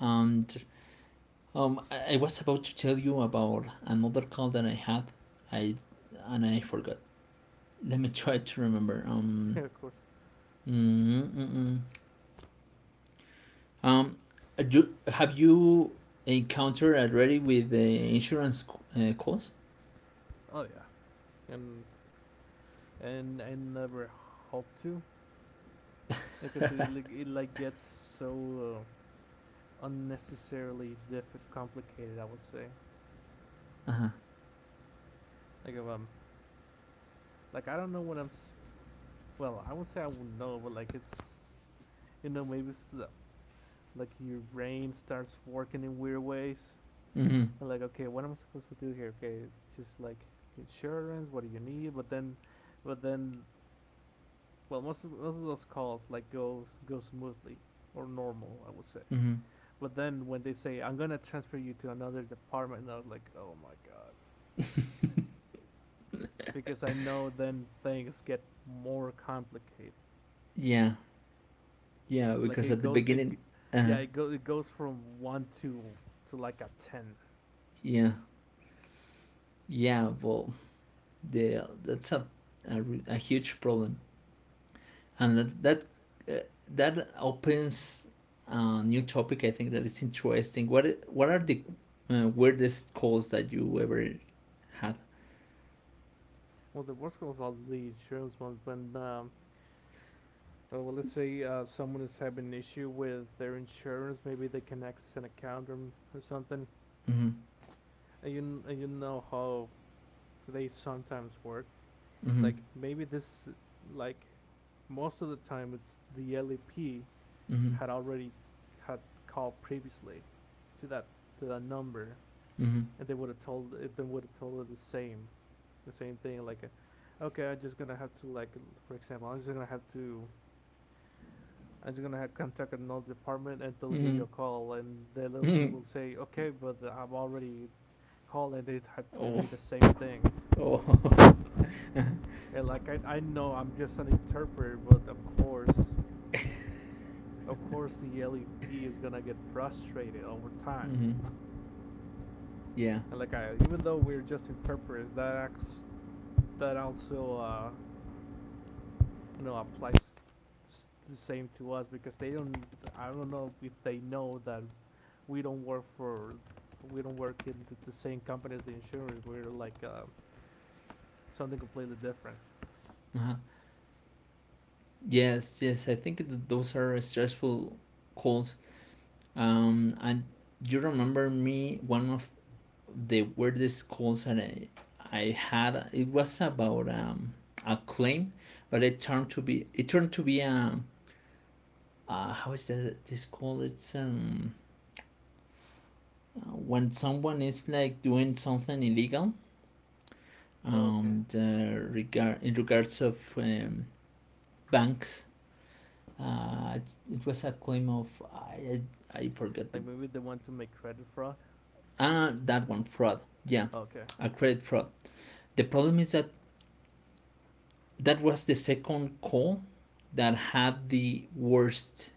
A: And um, I, I was about to tell you about another call that I had. I and I forgot. Let me try to remember. Um.
B: Of course.
A: Mm-mm-mm. Um, do, have you encountered already with the insurance uh, calls?
B: Oh yeah. and and I never hope to because it like it like gets so uh, unnecessarily diff- complicated, I would say,
A: Uh huh.
B: like if I'm like I don't know what I'm. Well, I would not say I will know, but like it's, you know, maybe it's uh, like your brain starts working in weird ways.
A: Mm-hmm.
B: And like, okay, what am I supposed to do here? Okay, just like insurance. What do you need? But then, but then, well, most of, most of those calls like go go smoothly or normal, I would say.
A: Mm-hmm.
B: But then when they say I'm gonna transfer you to another department, I was like, oh my god, because I know then things get more complicated.
A: Yeah. Yeah.
B: Like
A: Because
B: it
A: at the
B: goes, it
A: beginning, uh,
B: Yeah, it goes it goes from one to to like a ten.
A: yeah, yeah. Well, the that's a a, re- a huge problem, and that that, uh, that opens a new topic. I think that is interesting. What i- what are the uh, weirdest calls that you ever had?
B: Well, the worst goes all the insurance ones when um, oh, well, let's say uh, someone is having an issue with their insurance, maybe they can access an account, or, or something,
A: Mm-hmm.
B: and you and you know how they sometimes work.
A: Mm-hmm.
B: Like maybe this, like most of the time, it's the L E P
A: Mm-hmm.
B: had already had called previously to that to that number, and they would have told it. They would have told them the same the same thing. Like, uh, okay, I'm just gonna have to like, for example, I'm just gonna have to. I'm just gonna have contact another department and they'll give
A: Mm-hmm.
B: you a call, and the L L P
A: Mm-hmm.
B: will say okay but I've already called and they had told
A: Oh,
B: me the same thing.
A: oh,
B: And like I, I know I'm just an interpreter, but of course of course the L E P is gonna get frustrated over time.
A: hmm, yeah,
B: And like I, even though we're just interpreters, that acts that also uh, you know applies the same to us because they don't. I don't know if they know that we don't work for we don't work in the, the same company as the insurers. We're like uh, something completely different.
A: uh-huh. Yes, yes. I think th- those are stressful calls. Um, and you remember me one of the weirdest calls that I, I had. It was about um a claim, but it turned to be it turned to be um uh how is that this called? It's um uh, when someone is like doing something illegal,
B: Okay.
A: um the regard in regards of um, banks. Uh, it, it was a claim of. I I, I forgot the.
B: Like maybe they want to make credit fraud.
A: Ah, that one, fraud. Yeah,
B: Okay.
A: a credit fraud. The problem is that that was the second call that had the worst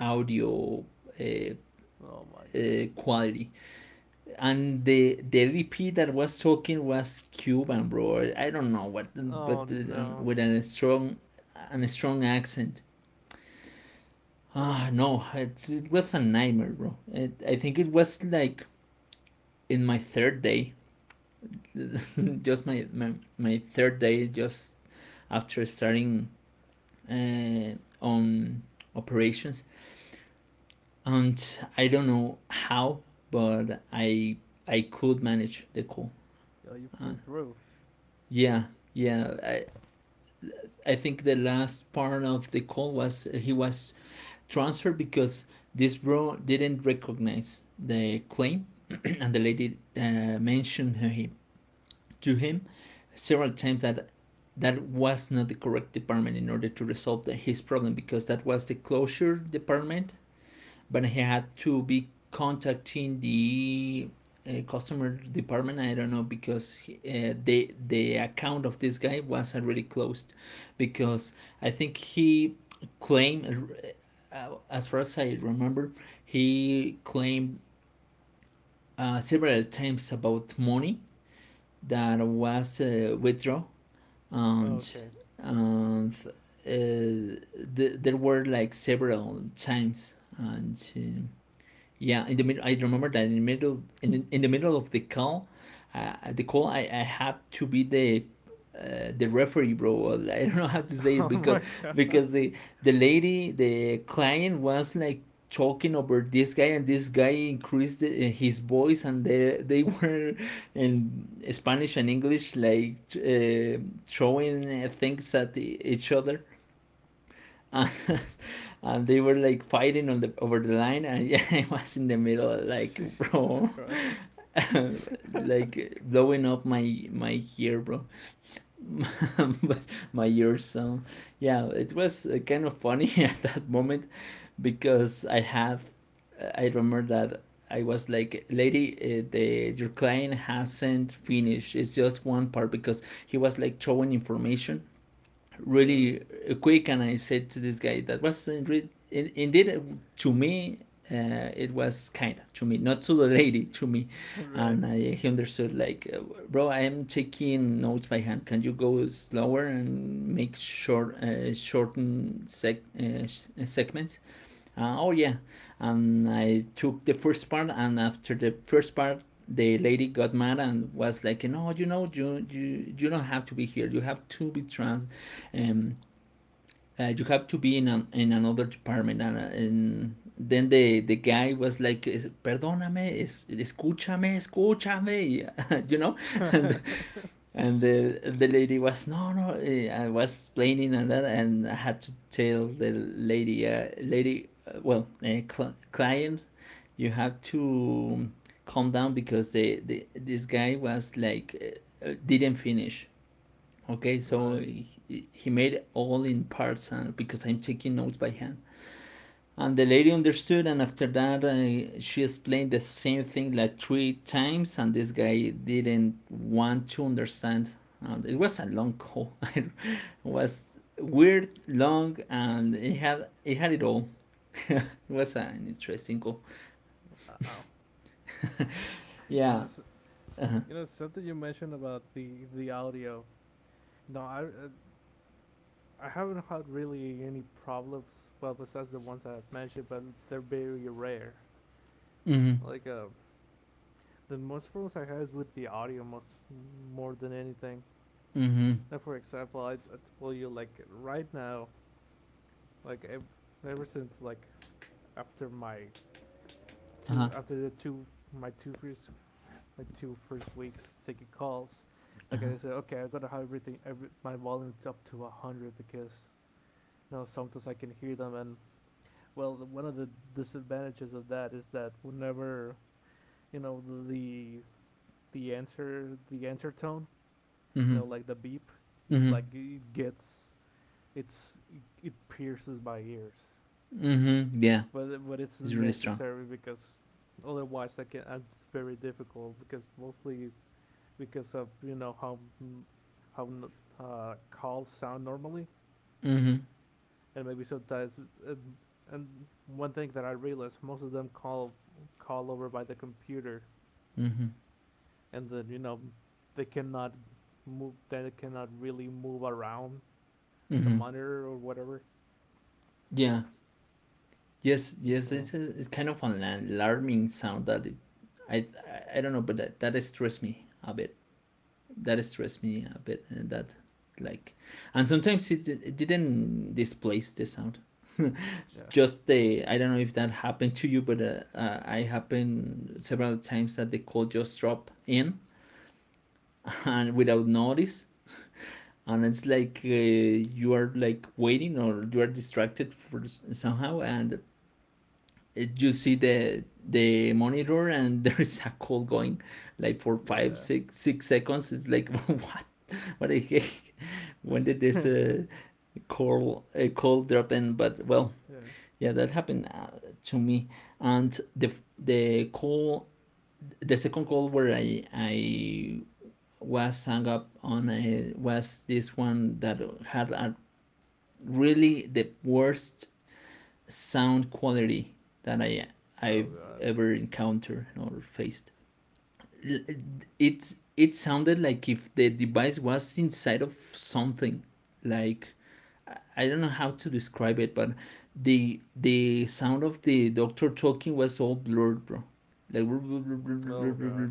A: audio uh,
B: Oh my god.
A: uh, quality, and the the L D P that was talking was Cuban, bro. I don't know what, but
B: Oh
A: uh,
B: no.
A: with a strong and a strong accent. Ah, oh, no, it's, it was a nightmare, bro. It, I think it was like in my third day, just my, my my third day, just after starting uh, on operations, and I don't know how, but I I could manage the call.
B: Yeah, you
A: Uh,
B: pulled through.
A: yeah, yeah. I I think the last part of the call was uh, he was transferred because this bro didn't recognize the claim, and the lady uh, mentioned him to him several times that that was not the correct department in order to resolve the, his problem because that was the closure department but he had to be contacting the uh, customer department. I don't know because uh, the the account of this guy was already closed because I think he claimed, uh, as far as I remember, he claimed uh, several times about money that was uh, withdrawn,
B: Oh,
A: and
B: okay.
A: and uh, th- there were like several times, and um, yeah, in the middle I remember that in the middle, in, in the middle of the call, uh, the call, i, I had to be the uh, the referee, bro. I don't know how to say
B: Oh
A: it
B: my
A: because
B: god.
A: because the the lady, the client, was like talking over this guy, and this guy increased uh, his voice, and they they were in Spanish and English, like uh, throwing uh, things at e- each other, uh, and they were like fighting on the over the line, and yeah, I was in the middle, like,
B: Jesus
A: bro,
B: Christ.
A: like blowing up my my ear, bro,
B: Oh my god.
A: but my ears. So yeah, it was uh, kind of funny at that moment because I have, I remember that I was like, lady, uh, the your client hasn't finished. It's just one part because he was like showing information
B: Right.
A: really quick, and I said to this guy that was indeed, indeed, uh, to me, uh, it was kind of to me, not to the lady, to me. And I, he understood, like, uh, bro, I am taking notes by hand. Can you go slower and make short, uh, shorten sec uh, segments? Uh, oh yeah, and I took the first part, and after the first part, the lady got mad and was like, "No, you know, you you, you don't have to be here. You have to be trans, um, uh, you have to be in an, in another department." And, uh, and then the the guy was like, "Perdóname, es, escúchame, escúchame," you know, and
B: Right.
A: and the the lady was no, no, eh, I was explaining and that, and I had to tell the lady uh, lady uh, well uh, cl- client you have to calm down because the, the this guy was like uh, uh, didn't finish, okay, so
B: Right.
A: he, he made all in parts uh, because I'm taking notes by hand, and the lady understood, and after that, uh, she explained the same thing like three times, and this guy didn't want to understand. And it was a long call. It was weird, long, and it had it had it all. It was an interesting call.
B: Wow. You know,
A: Yeah.
B: s- you know something you mentioned about the the audio. No, I uh, I haven't had really any problems. Well, besides the ones that I've mentioned, but they're very rare.
A: Mhm.
B: Like uh, the most problems I had is with the audio, most more than anything.
A: Mhm.
B: Now, for example, I, I told you like right now, like ev- ever since like after my
A: Uh huh.
B: two after the two my two first my two first weeks taking calls,
A: Uh
B: like
A: huh.
B: I said, okay, I gotta have everything, every, my volume up to one hundred because you know sometimes I can hear them, and well, one of the disadvantages of that is that whenever you know the the answer the answer tone, you
A: Mhm.
B: know, like the beep, it's
A: Mhm.
B: like it gets it's it pierces my ears,
A: Mhm. Yeah.
B: but but it's
A: It's really strong.
B: necessary because otherwise I can. It's very difficult because mostly because of you know how mm, how uh, calls sound normally,
A: Mhm.
B: and maybe sometimes. Uh, and one thing that I realized, most of them call call over by the computer,
A: Mhm.
B: and then you know they cannot move. They cannot really move around the
A: Mhm.
B: monitor or whatever.
A: Yeah. Yes,
B: Yes. And
A: yes,
B: so
A: it's, a, it's kind of an alarming sound that it, I I don't know, but that that stressed me a bit. That stressed me a bit, and that like, and sometimes it, it didn't displace the sound. It's
B: yes,
A: just
B: it's kind of
A: the
B: an
A: I don't
B: alarming
A: know if
B: sound that yeah, it's just the, I don't
A: that
B: know if that
A: happened to you,
B: happened to
A: but
B: you,
A: uh,
B: but uh,
A: uh, I
B: uh, I
A: happened
B: happened
A: several times that the call just drop in, and without notice, and it's like uh, you are like waiting or you are distracted for s- somehow, and eh, you see the the monitor, and there is a call going like for
B: like
A: five
B: yeah.
A: six
B: Like
A: six
B: six,
A: seconds
B: six
A: It's like
B: seconds. It's like,
A: what
B: what?
A: what the heck? When did this
B: Yeah.
A: uh, call a call drop in? But well, yeah, that happened uh, to me. And the the call the second call where i i was hung up on a, was this one that had a really the worst sound quality that I
B: Oh
A: I've
B: god.
A: ever encountered or faced. It it sounded like if the device was inside of something, like, I don't know how to describe it, but the the sound of the doctor talking was all blurred, bro. Like,
B: Oh god.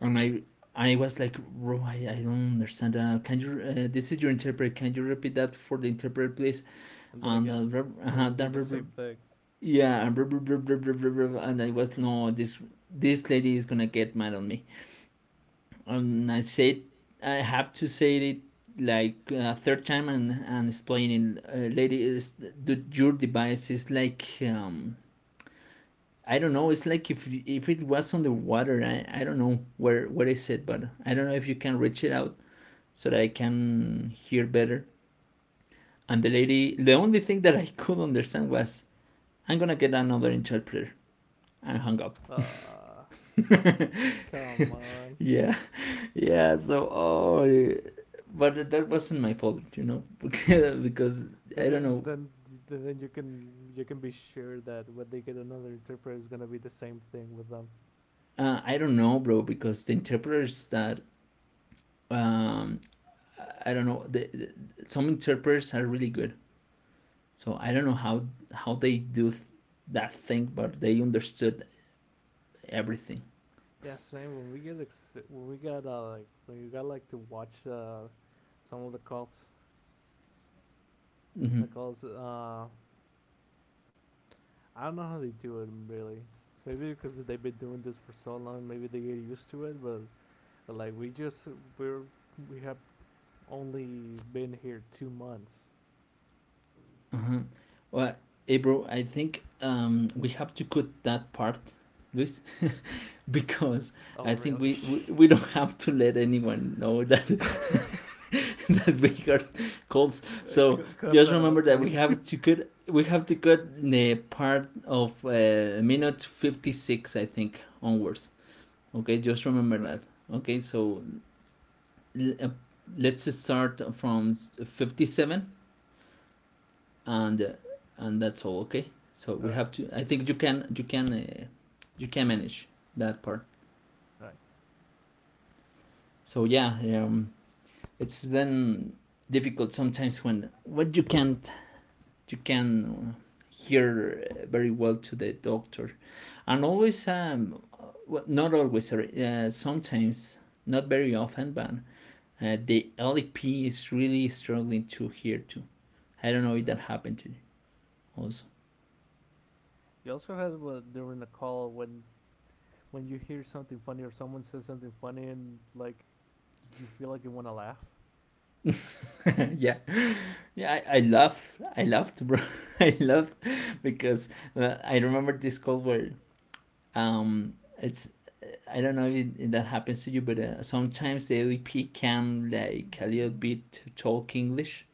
A: and I I was like, bro, I, I don't understand. Uh, can you? Uh, this is your interpreter. Can you repeat that for the interpreter, please?
B: And then
A: And
B: again,
A: uh,
B: it
A: uh,
B: will be the
A: that.
B: same thing.
A: Yeah, and, blah, blah, blah, blah, blah, blah, blah, and I was no, this this lady is gonna get mad on me, and I said I have to say it like a uh, third time, and and explaining, uh, lady, is your device is like um I don't know, it's like if if it was on the water, I I don't know where where is it, but I don't know if you can reach it out so that I can hear better. And the lady, the only thing that I could understand was, I'm gonna get another interpreter, and hung up.
B: Ah, come on.
A: Yeah, yeah. So, oh, yeah, but that wasn't my fault, you know, because
B: Then
A: I don't
B: it,
A: know.
B: then then you can you can be sure that when they get another interpreter, it's gonna be the same thing with them.
A: Uh, I don't know, bro, because the interpreters that um, I don't know. The, the, some interpreters are really good, so I don't know how how they do th- that thing, but they understood everything.
B: Yeah, same. When we get ex- when we got uh, like when you got like to watch uh, some of the calls,
A: Mm-hmm.
B: the calls uh I don't know how they do it really. Maybe because they've been doing this for so long, maybe they get used to it. But like we just we're we have only been here two months.
A: Uh-huh. Well, hey, bro, I think um, we have to cut that part, Luis. because
B: Oh
A: I think
B: really?
A: we, we, we don't have to let anyone know that that we are colds.
B: Uh,
A: So
B: cut
A: just
B: that
A: remember
B: out,
A: that we
B: please.
A: have to cut, we have to cut the part of uh, minute fifty six I think onwards. Okay, just remember
B: All
A: that.
B: right,
A: Okay, so uh, let's start from fifty seven and uh, and that's all. Okay, so
B: all
A: we
B: right,
A: have to. I think you can you can uh, you can manage that part.
B: all right.
A: So yeah, um, it's been difficult sometimes when what you can't you can hear very well to the doctor and always um well, not always, uh, sometimes, not very often, but uh, the L E P is really struggling to hear too. I don't know if that
B: Yeah.
A: happened to you also.
B: You also had uh, during the call when when you hear something funny or someone says something funny and like you feel like you want to laugh.
A: Yeah, yeah, I, I love I loved, bro. I loved, because uh, I remember this call where, um, it's I don't know if, it, if that happens to you, but uh, sometimes the L P can like a little bit talk English,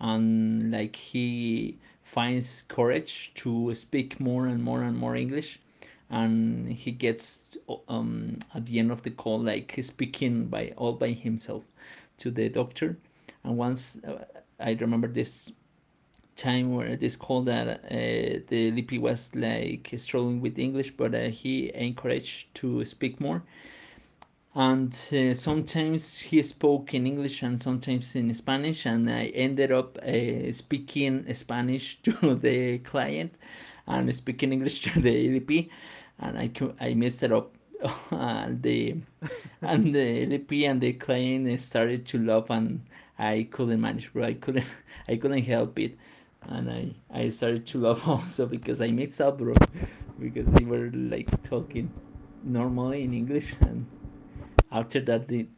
A: and like he finds courage to speak more and more and more English, and he gets, um, at the end of the call, like speaking by all by himself to the doctor. And once, uh, I remember this time where it is called that uh, the Lippy was like struggling with English, but uh, he encouraged to speak more. And uh, sometimes he spoke in English and sometimes in Spanish, and I ended up uh, speaking Spanish to the client and speaking English to the L P. And I I messed it up, and the and the L P and the client started to laugh, and I couldn't manage, bro. I couldn't, I couldn't help it, and I I started to laugh
B: Yeah. It-
A: also because I mixed up, bro, because they were like talking normally in English and after that, the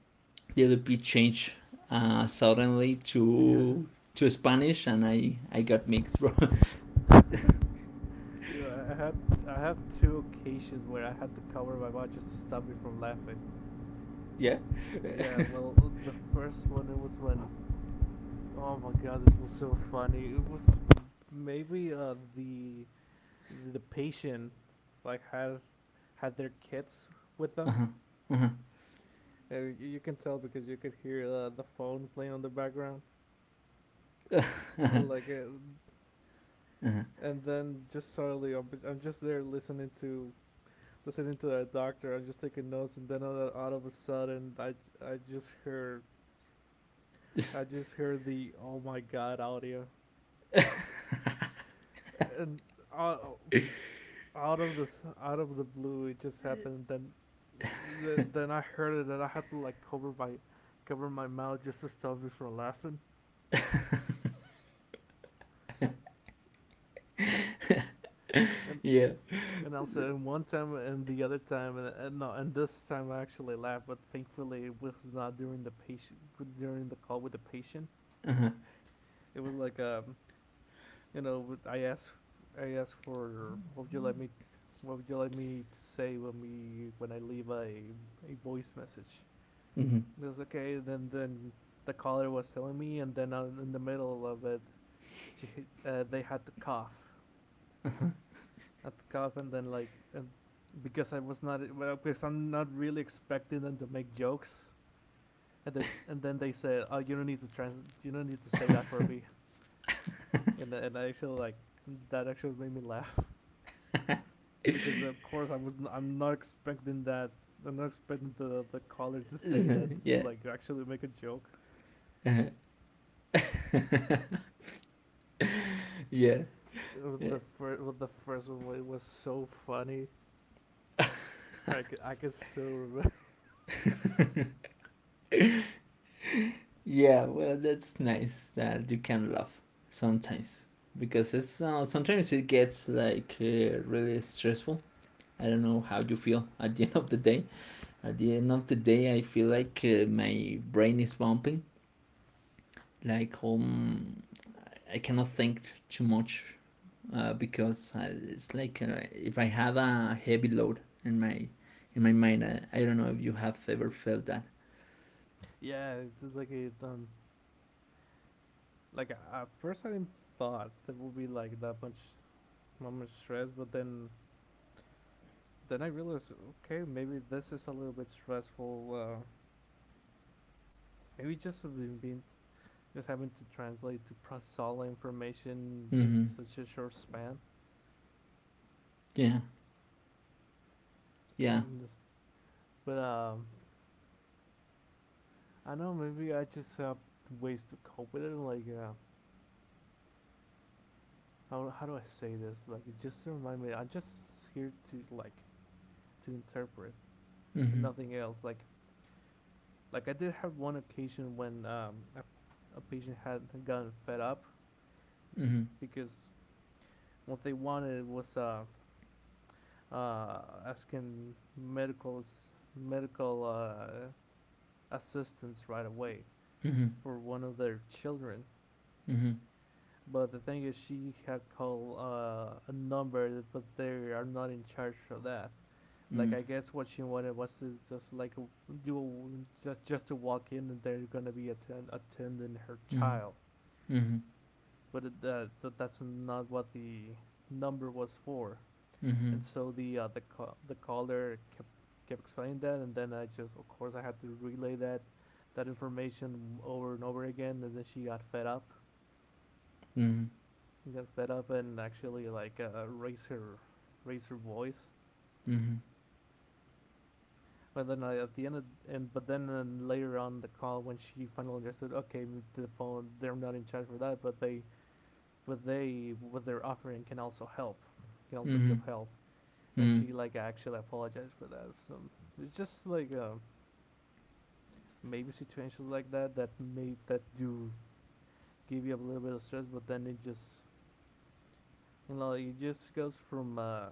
A: the L P changed uh, suddenly
B: Yeah.
A: to to Spanish, and I I got mixed.
B: Yeah, I had I have two occasions where I had to cover my mouth just to stop me from laughing.
A: Yeah.
B: Yeah, well, the first one it was when oh my god, this was so funny. It was maybe uh the the patient like had had their kids with them. Uh, you can tell because you could hear uh, the phone playing on the background. Uh, like, uh, and then just slowly, I'm just there listening to listening to that doctor. I'm just taking notes, and then uh, all, of- a sudden, I I just heard I just heard the oh my god audio, and out, out of the out of the blue, it just happened. And then then I heard it, and I had to like cover my cover my mouth just to stop me from laughing. And
A: Yeah.
B: And also, in one time and the other time, and, and no, and this time I actually laughed, but thankfully it was not during the patient during the call with the patient. It was like um, you know, I asked I asked for what would you like me t- what would you like me to say when we when I leave a a voice message?
A: Mhm.
B: It was okay. Then then the caller was telling me, and then in the middle of it, she uh, they had to cough, at the cuff, then like and because I was not well, because I'm not really expecting them to make jokes, and they, and then they said, "Oh, you don't need to trans, you don't need to say that for me," and and I actually like that actually made me laugh because of course I was n- I'm not expecting that I'm not expecting the the caller to say that to,
A: Yeah.
B: like actually make a joke.
A: Yeah.
B: Uh, The first well, the first one wa- was so funny. I c- I can still remember.
A: Yeah. Well, that's nice that you can laugh sometimes, because it's, uh, sometimes it gets like uh, really stressful. I don't know how you feel at the end of the day. At the end of the day, I feel like uh, my brain is bumping. Like, um, I cannot think t- too much, uh, because I, it's like, uh, if I have a heavy load in my in my mind. I, I don't know if you have ever felt that.
B: Yeah, it's just like it um. Like at first, I didn't thought there would be like that much, that much stress, but then then I realized, okay, maybe this is a little bit stressful. Uh, maybe just being, being just having to translate to process all the information in
A: Mm-hmm.
B: such a short span.
A: Yeah. Yeah.
B: And just, but um, I don't know, maybe I just have ways to cope with it. Like uh, how how do I say this? Like just to remind me, I'm just here to like to interpret and
A: Mm-hmm.
B: nothing else. Like Like I did have one occasion when um, a, a patient had gotten fed up
A: Mm-hmm.
B: because what they wanted was uh, uh, asking medical medical uh, assistance right away
A: Mm-hmm.
B: for one of their children.
A: Mm-hmm.
B: But the thing is, she had called uh, a number, but they are not in charge of that. Like I guess what she wanted was to just like do a, just just to walk in and they're gonna be attend attending her
A: Mm-hmm. Mm-hmm.
B: child.
A: Mm-hmm. Mm-hmm.
B: But it, uh, th- that's not what the number was for. And so the uh, the ca- the caller kept kept explaining that, and then I just, of course, I had to relay that that information over and over again, and then she got fed up, she got fed up, and actually like uh, raised her raised her voice. But then I, at the end, of, and but then and later on the call, when she finally understood, okay, the phone, they're not in charge for that, but they, but they, what they're offering can also help, can
A: Mm-hmm.
B: also be of
A: Mm-hmm.
B: help. And
A: Mm-hmm.
B: she like actually apologized for that. So it's just like uh, maybe situations like that that may that do give you a little bit of stress, but then it just you know it just goes from uh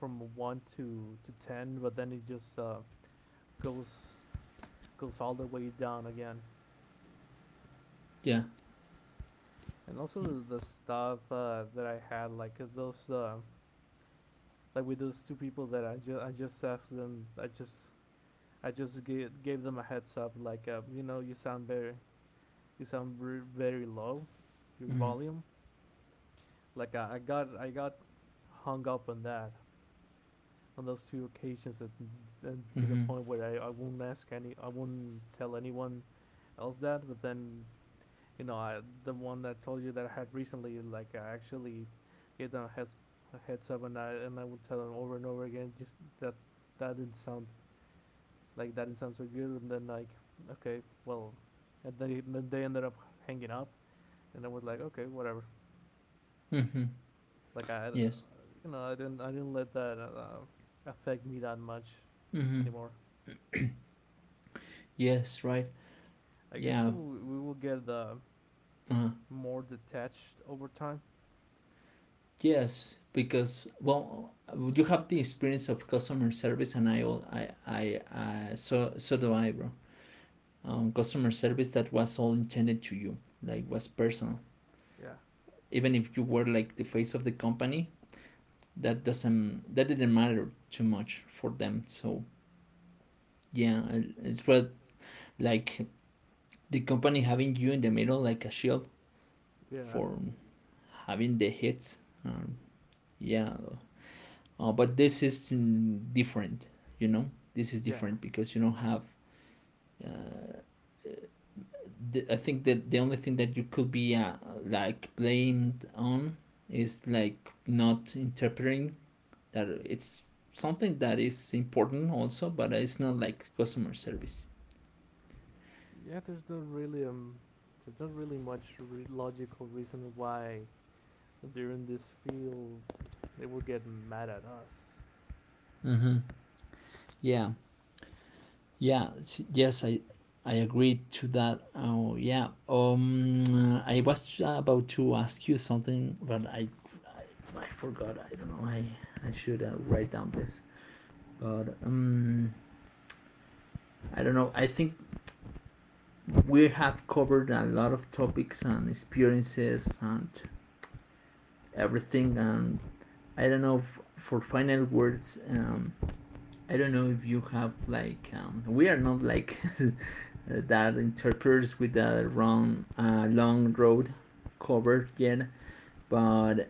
B: from one to to ten, but then it just uh goes goes all the way down again.
A: Yeah.
B: And also the, the stuff uh, that I had like uh, those uh, like with those two people that I just I just asked them I just I just gave, gave them a heads up, like, uh, you know, you sound very, you sound very low, your
A: Mm-hmm.
B: volume. Like I, I got I got hung up on that on those two occasions, and, and to the
A: Mm-hmm.
B: point where I, I won't ask any, I won't tell anyone else that. But then you know, I, the one that I told you that I had recently, like I actually gave them a heads a heads up, and I and I would tell them over and over again, just that that didn't sound like that didn't sound so good, and then like okay, well, and then, then they ended up hanging up, and I was like okay, whatever.
A: Mm-hmm.
B: Like I, uh,
A: Yes.
B: you know, I didn't I didn't let that uh, affect me that much
A: Mm-hmm.
B: anymore.
A: Yes. Right.
B: I guess we
A: Yeah.
B: will, we will get uh,
A: Uh,
B: more detached over time.
A: yes, because, well, you have the experience of customer service, and I all I I uh, so so do I, bro. Um, customer service that was all intended to you, like, was personal.
B: Yeah,
A: Even if you were like the face of the company, that doesn't that didn't matter too much for them. So yeah, I- it's what, like, the company having you in the middle like a shield
B: yeah,
A: for having the hits. Um, yeah. Uh, but this is, mm, different, you know. This is
B: yeah.
A: different because you don't have. Uh, the, I think that the only thing that you could be uh, like blamed on is like not interpreting, that it's something that is important also, but it's not like customer service.
B: Yeah, there's not really um, there's not really much re- logical reason why they're in this field. They will get mad at us.
A: Mm-hmm. Yeah. Yeah, s- yes, I I agree to that. Oh, yeah. Um, I was about to ask you something, but I I, I forgot. I don't know. I I should uh, write down this. But um, I don't know. I think we have covered a lot of topics and experiences and everything. And I don't know. F For final words, um, I don't know if you have like, um, we are not like that interpreters with a wrong uh, long road covered yet, but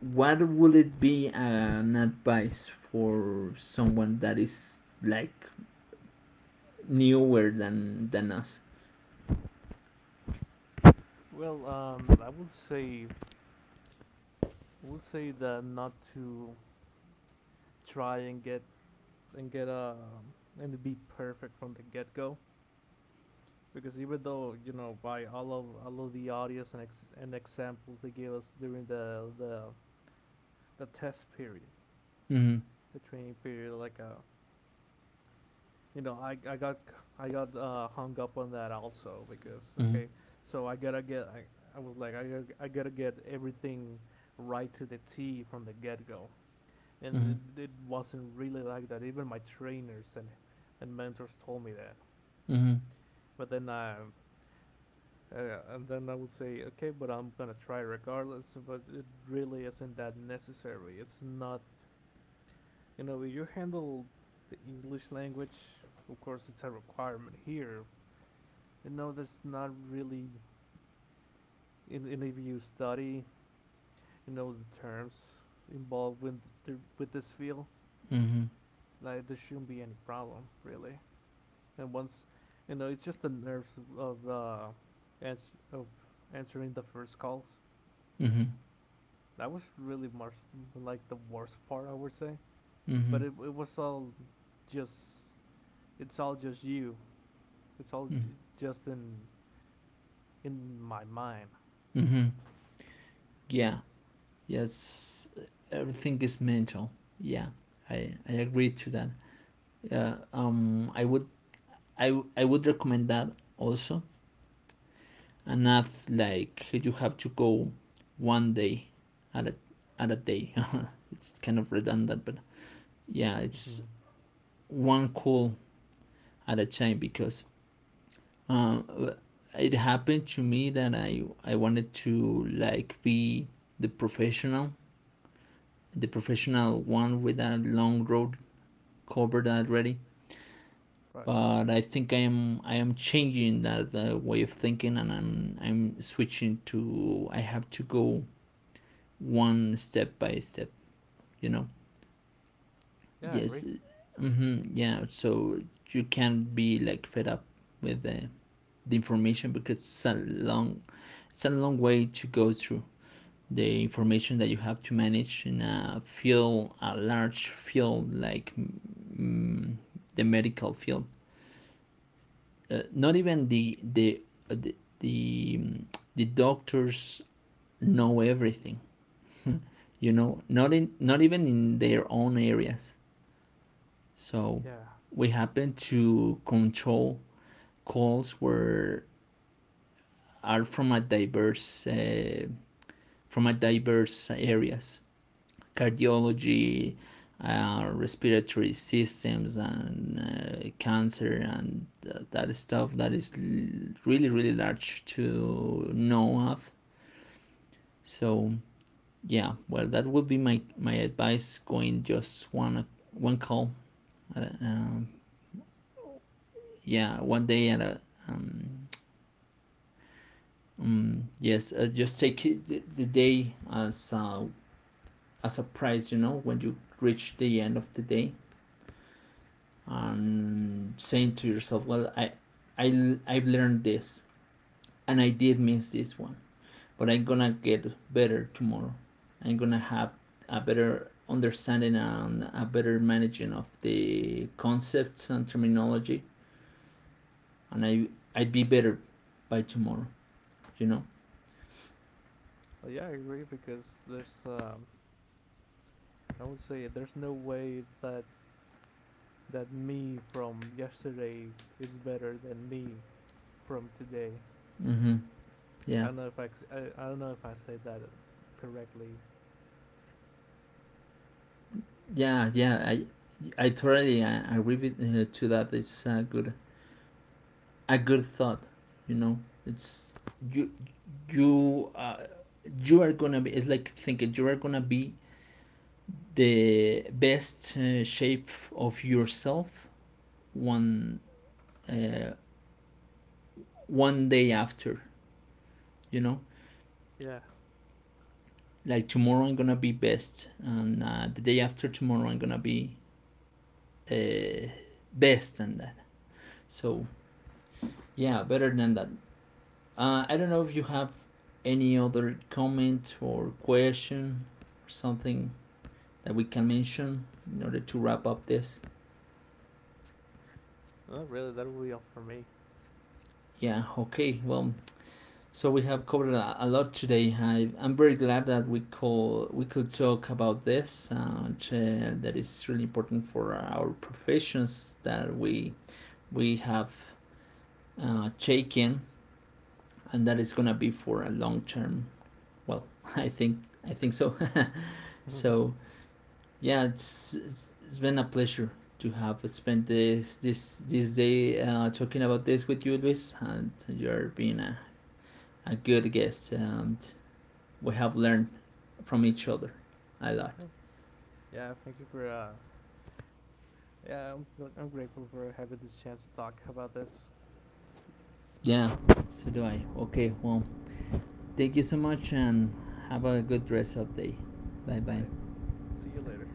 A: what would it be an advice for someone that is like newer than than us?
B: Well, um, I would say, would say that not to try and get and get a and be perfect from the get go. Because even though you know by all of all of the audios and ex- and examples they gave us during the the the test period,
A: Mm-hmm.
B: the training period, like a you know I I got I got uh, hung up on that also because
A: Mm-hmm.
B: okay so I gotta get I, I was like I gotta, I gotta get everything right to the T from the get go and it, it wasn't really like that even my trainers and and mentors told me that
A: Mm-hmm.
B: but then I. Uh, and then I would say, okay, but I'm gonna try regardless. But it really isn't that necessary. It's not, you know, you handle the English language. Of course, it's a requirement here. You know, there's not really, in, in if you study, you know, the terms involved with the, with this field,
A: Mm-hmm.
B: like there shouldn't be any problem really. And once, you know, it's just the nerves of uh, ans- of answering the first calls.
A: Mm-hmm.
B: That was really much like the worst part, I would say.
A: Mm-hmm.
B: But it, it was all just it's all just you. It's all j- just in in my mind.
A: Mm-hmm. Yeah. Yes. Everything is mental. Yeah. I I agree to that. Yeah, um, I would I w- I would recommend that also, and not like you have to go one day at a at a day. It's kind of redundant, but yeah, it's
B: Mm-hmm.
A: one call at a time, because uh, it happened to me that I I wanted to like be the professional, the professional one with a long road covered already,
B: Right.
A: but I think I am I am changing that uh, way of thinking and I'm I'm switching to I have to go one step by step, you know.
B: Yeah, I
A: Yes.
B: agree.
A: Mm-hmm. Yeah, so you can't be like fed up with the, the information, because it's a long, it's a long way to go through the information that you have to manage in a field, a large field like, mm, the medical field. Uh, not even the the uh, the the, mm, the doctors know everything, you know, not in, not even in their own areas. So
B: Yeah.
A: we happen to control calls where are from a diverse, uh, from a diverse areas. Cardiology, uh, respiratory systems, and uh, cancer, and th- that stuff that is l- really, really large to know of. So yeah, well, that would be my my advice. Going just one one call. Uh, um, yeah, one day at a. Um, um, yes, uh, just take it, the, the day as a as a prize. You know, when you reach the end of the day, and saying to yourself, well, I, I, I've learned this, and I did miss this one, but I'm gonna get better tomorrow. I'm gonna have a better understanding and a better managing of the concepts and terminology, and I, I'd be better by tomorrow, you know?
B: Well, yeah, I agree because there's um I would say there's no way that that me from yesterday is better than me from today.
A: Mm-hmm.
B: I
A: Yeah,
B: don't know if I, I, I don't know if I said that correctly.
A: yeah, yeah. I, I totally I, I agree with, uh, to that. It's a good, a good thought. You know, it's you, you, uh, you are gonna be. It's like thinking you are gonna be the best uh, shape of yourself one, uh, one day after. You know,
B: Yeah.
A: like tomorrow I'm gonna be best, and, uh, the day after tomorrow I'm gonna be, uh, best than that. So yeah, better than that. Uh, I don't know if you have any other comment or question or something that we can mention in order to wrap up this.
B: Well, really, that will be all for me.
A: Yeah, okay. Well, so we have covered a, a lot today. I, I'm very glad that we call we could talk about this, uh, that is really important for our professions that we we have uh, taken, and that is gonna be for a long term. Well, I think I think so.
B: Hmm.
A: So yeah, it's it's, it's been a pleasure to have spent this this this day uh, talking about this with you, Luis, and you're being a, a good guest, and we have learned from each other a lot.
B: Oh, yeah. Thank you for. Uh, yeah, I'm I'm grateful for having this chance to talk about this.
A: Yeah, so do I. Okay, well, thank you so much, and have a good rest of the day. Bye bye.
B: Right. See you later.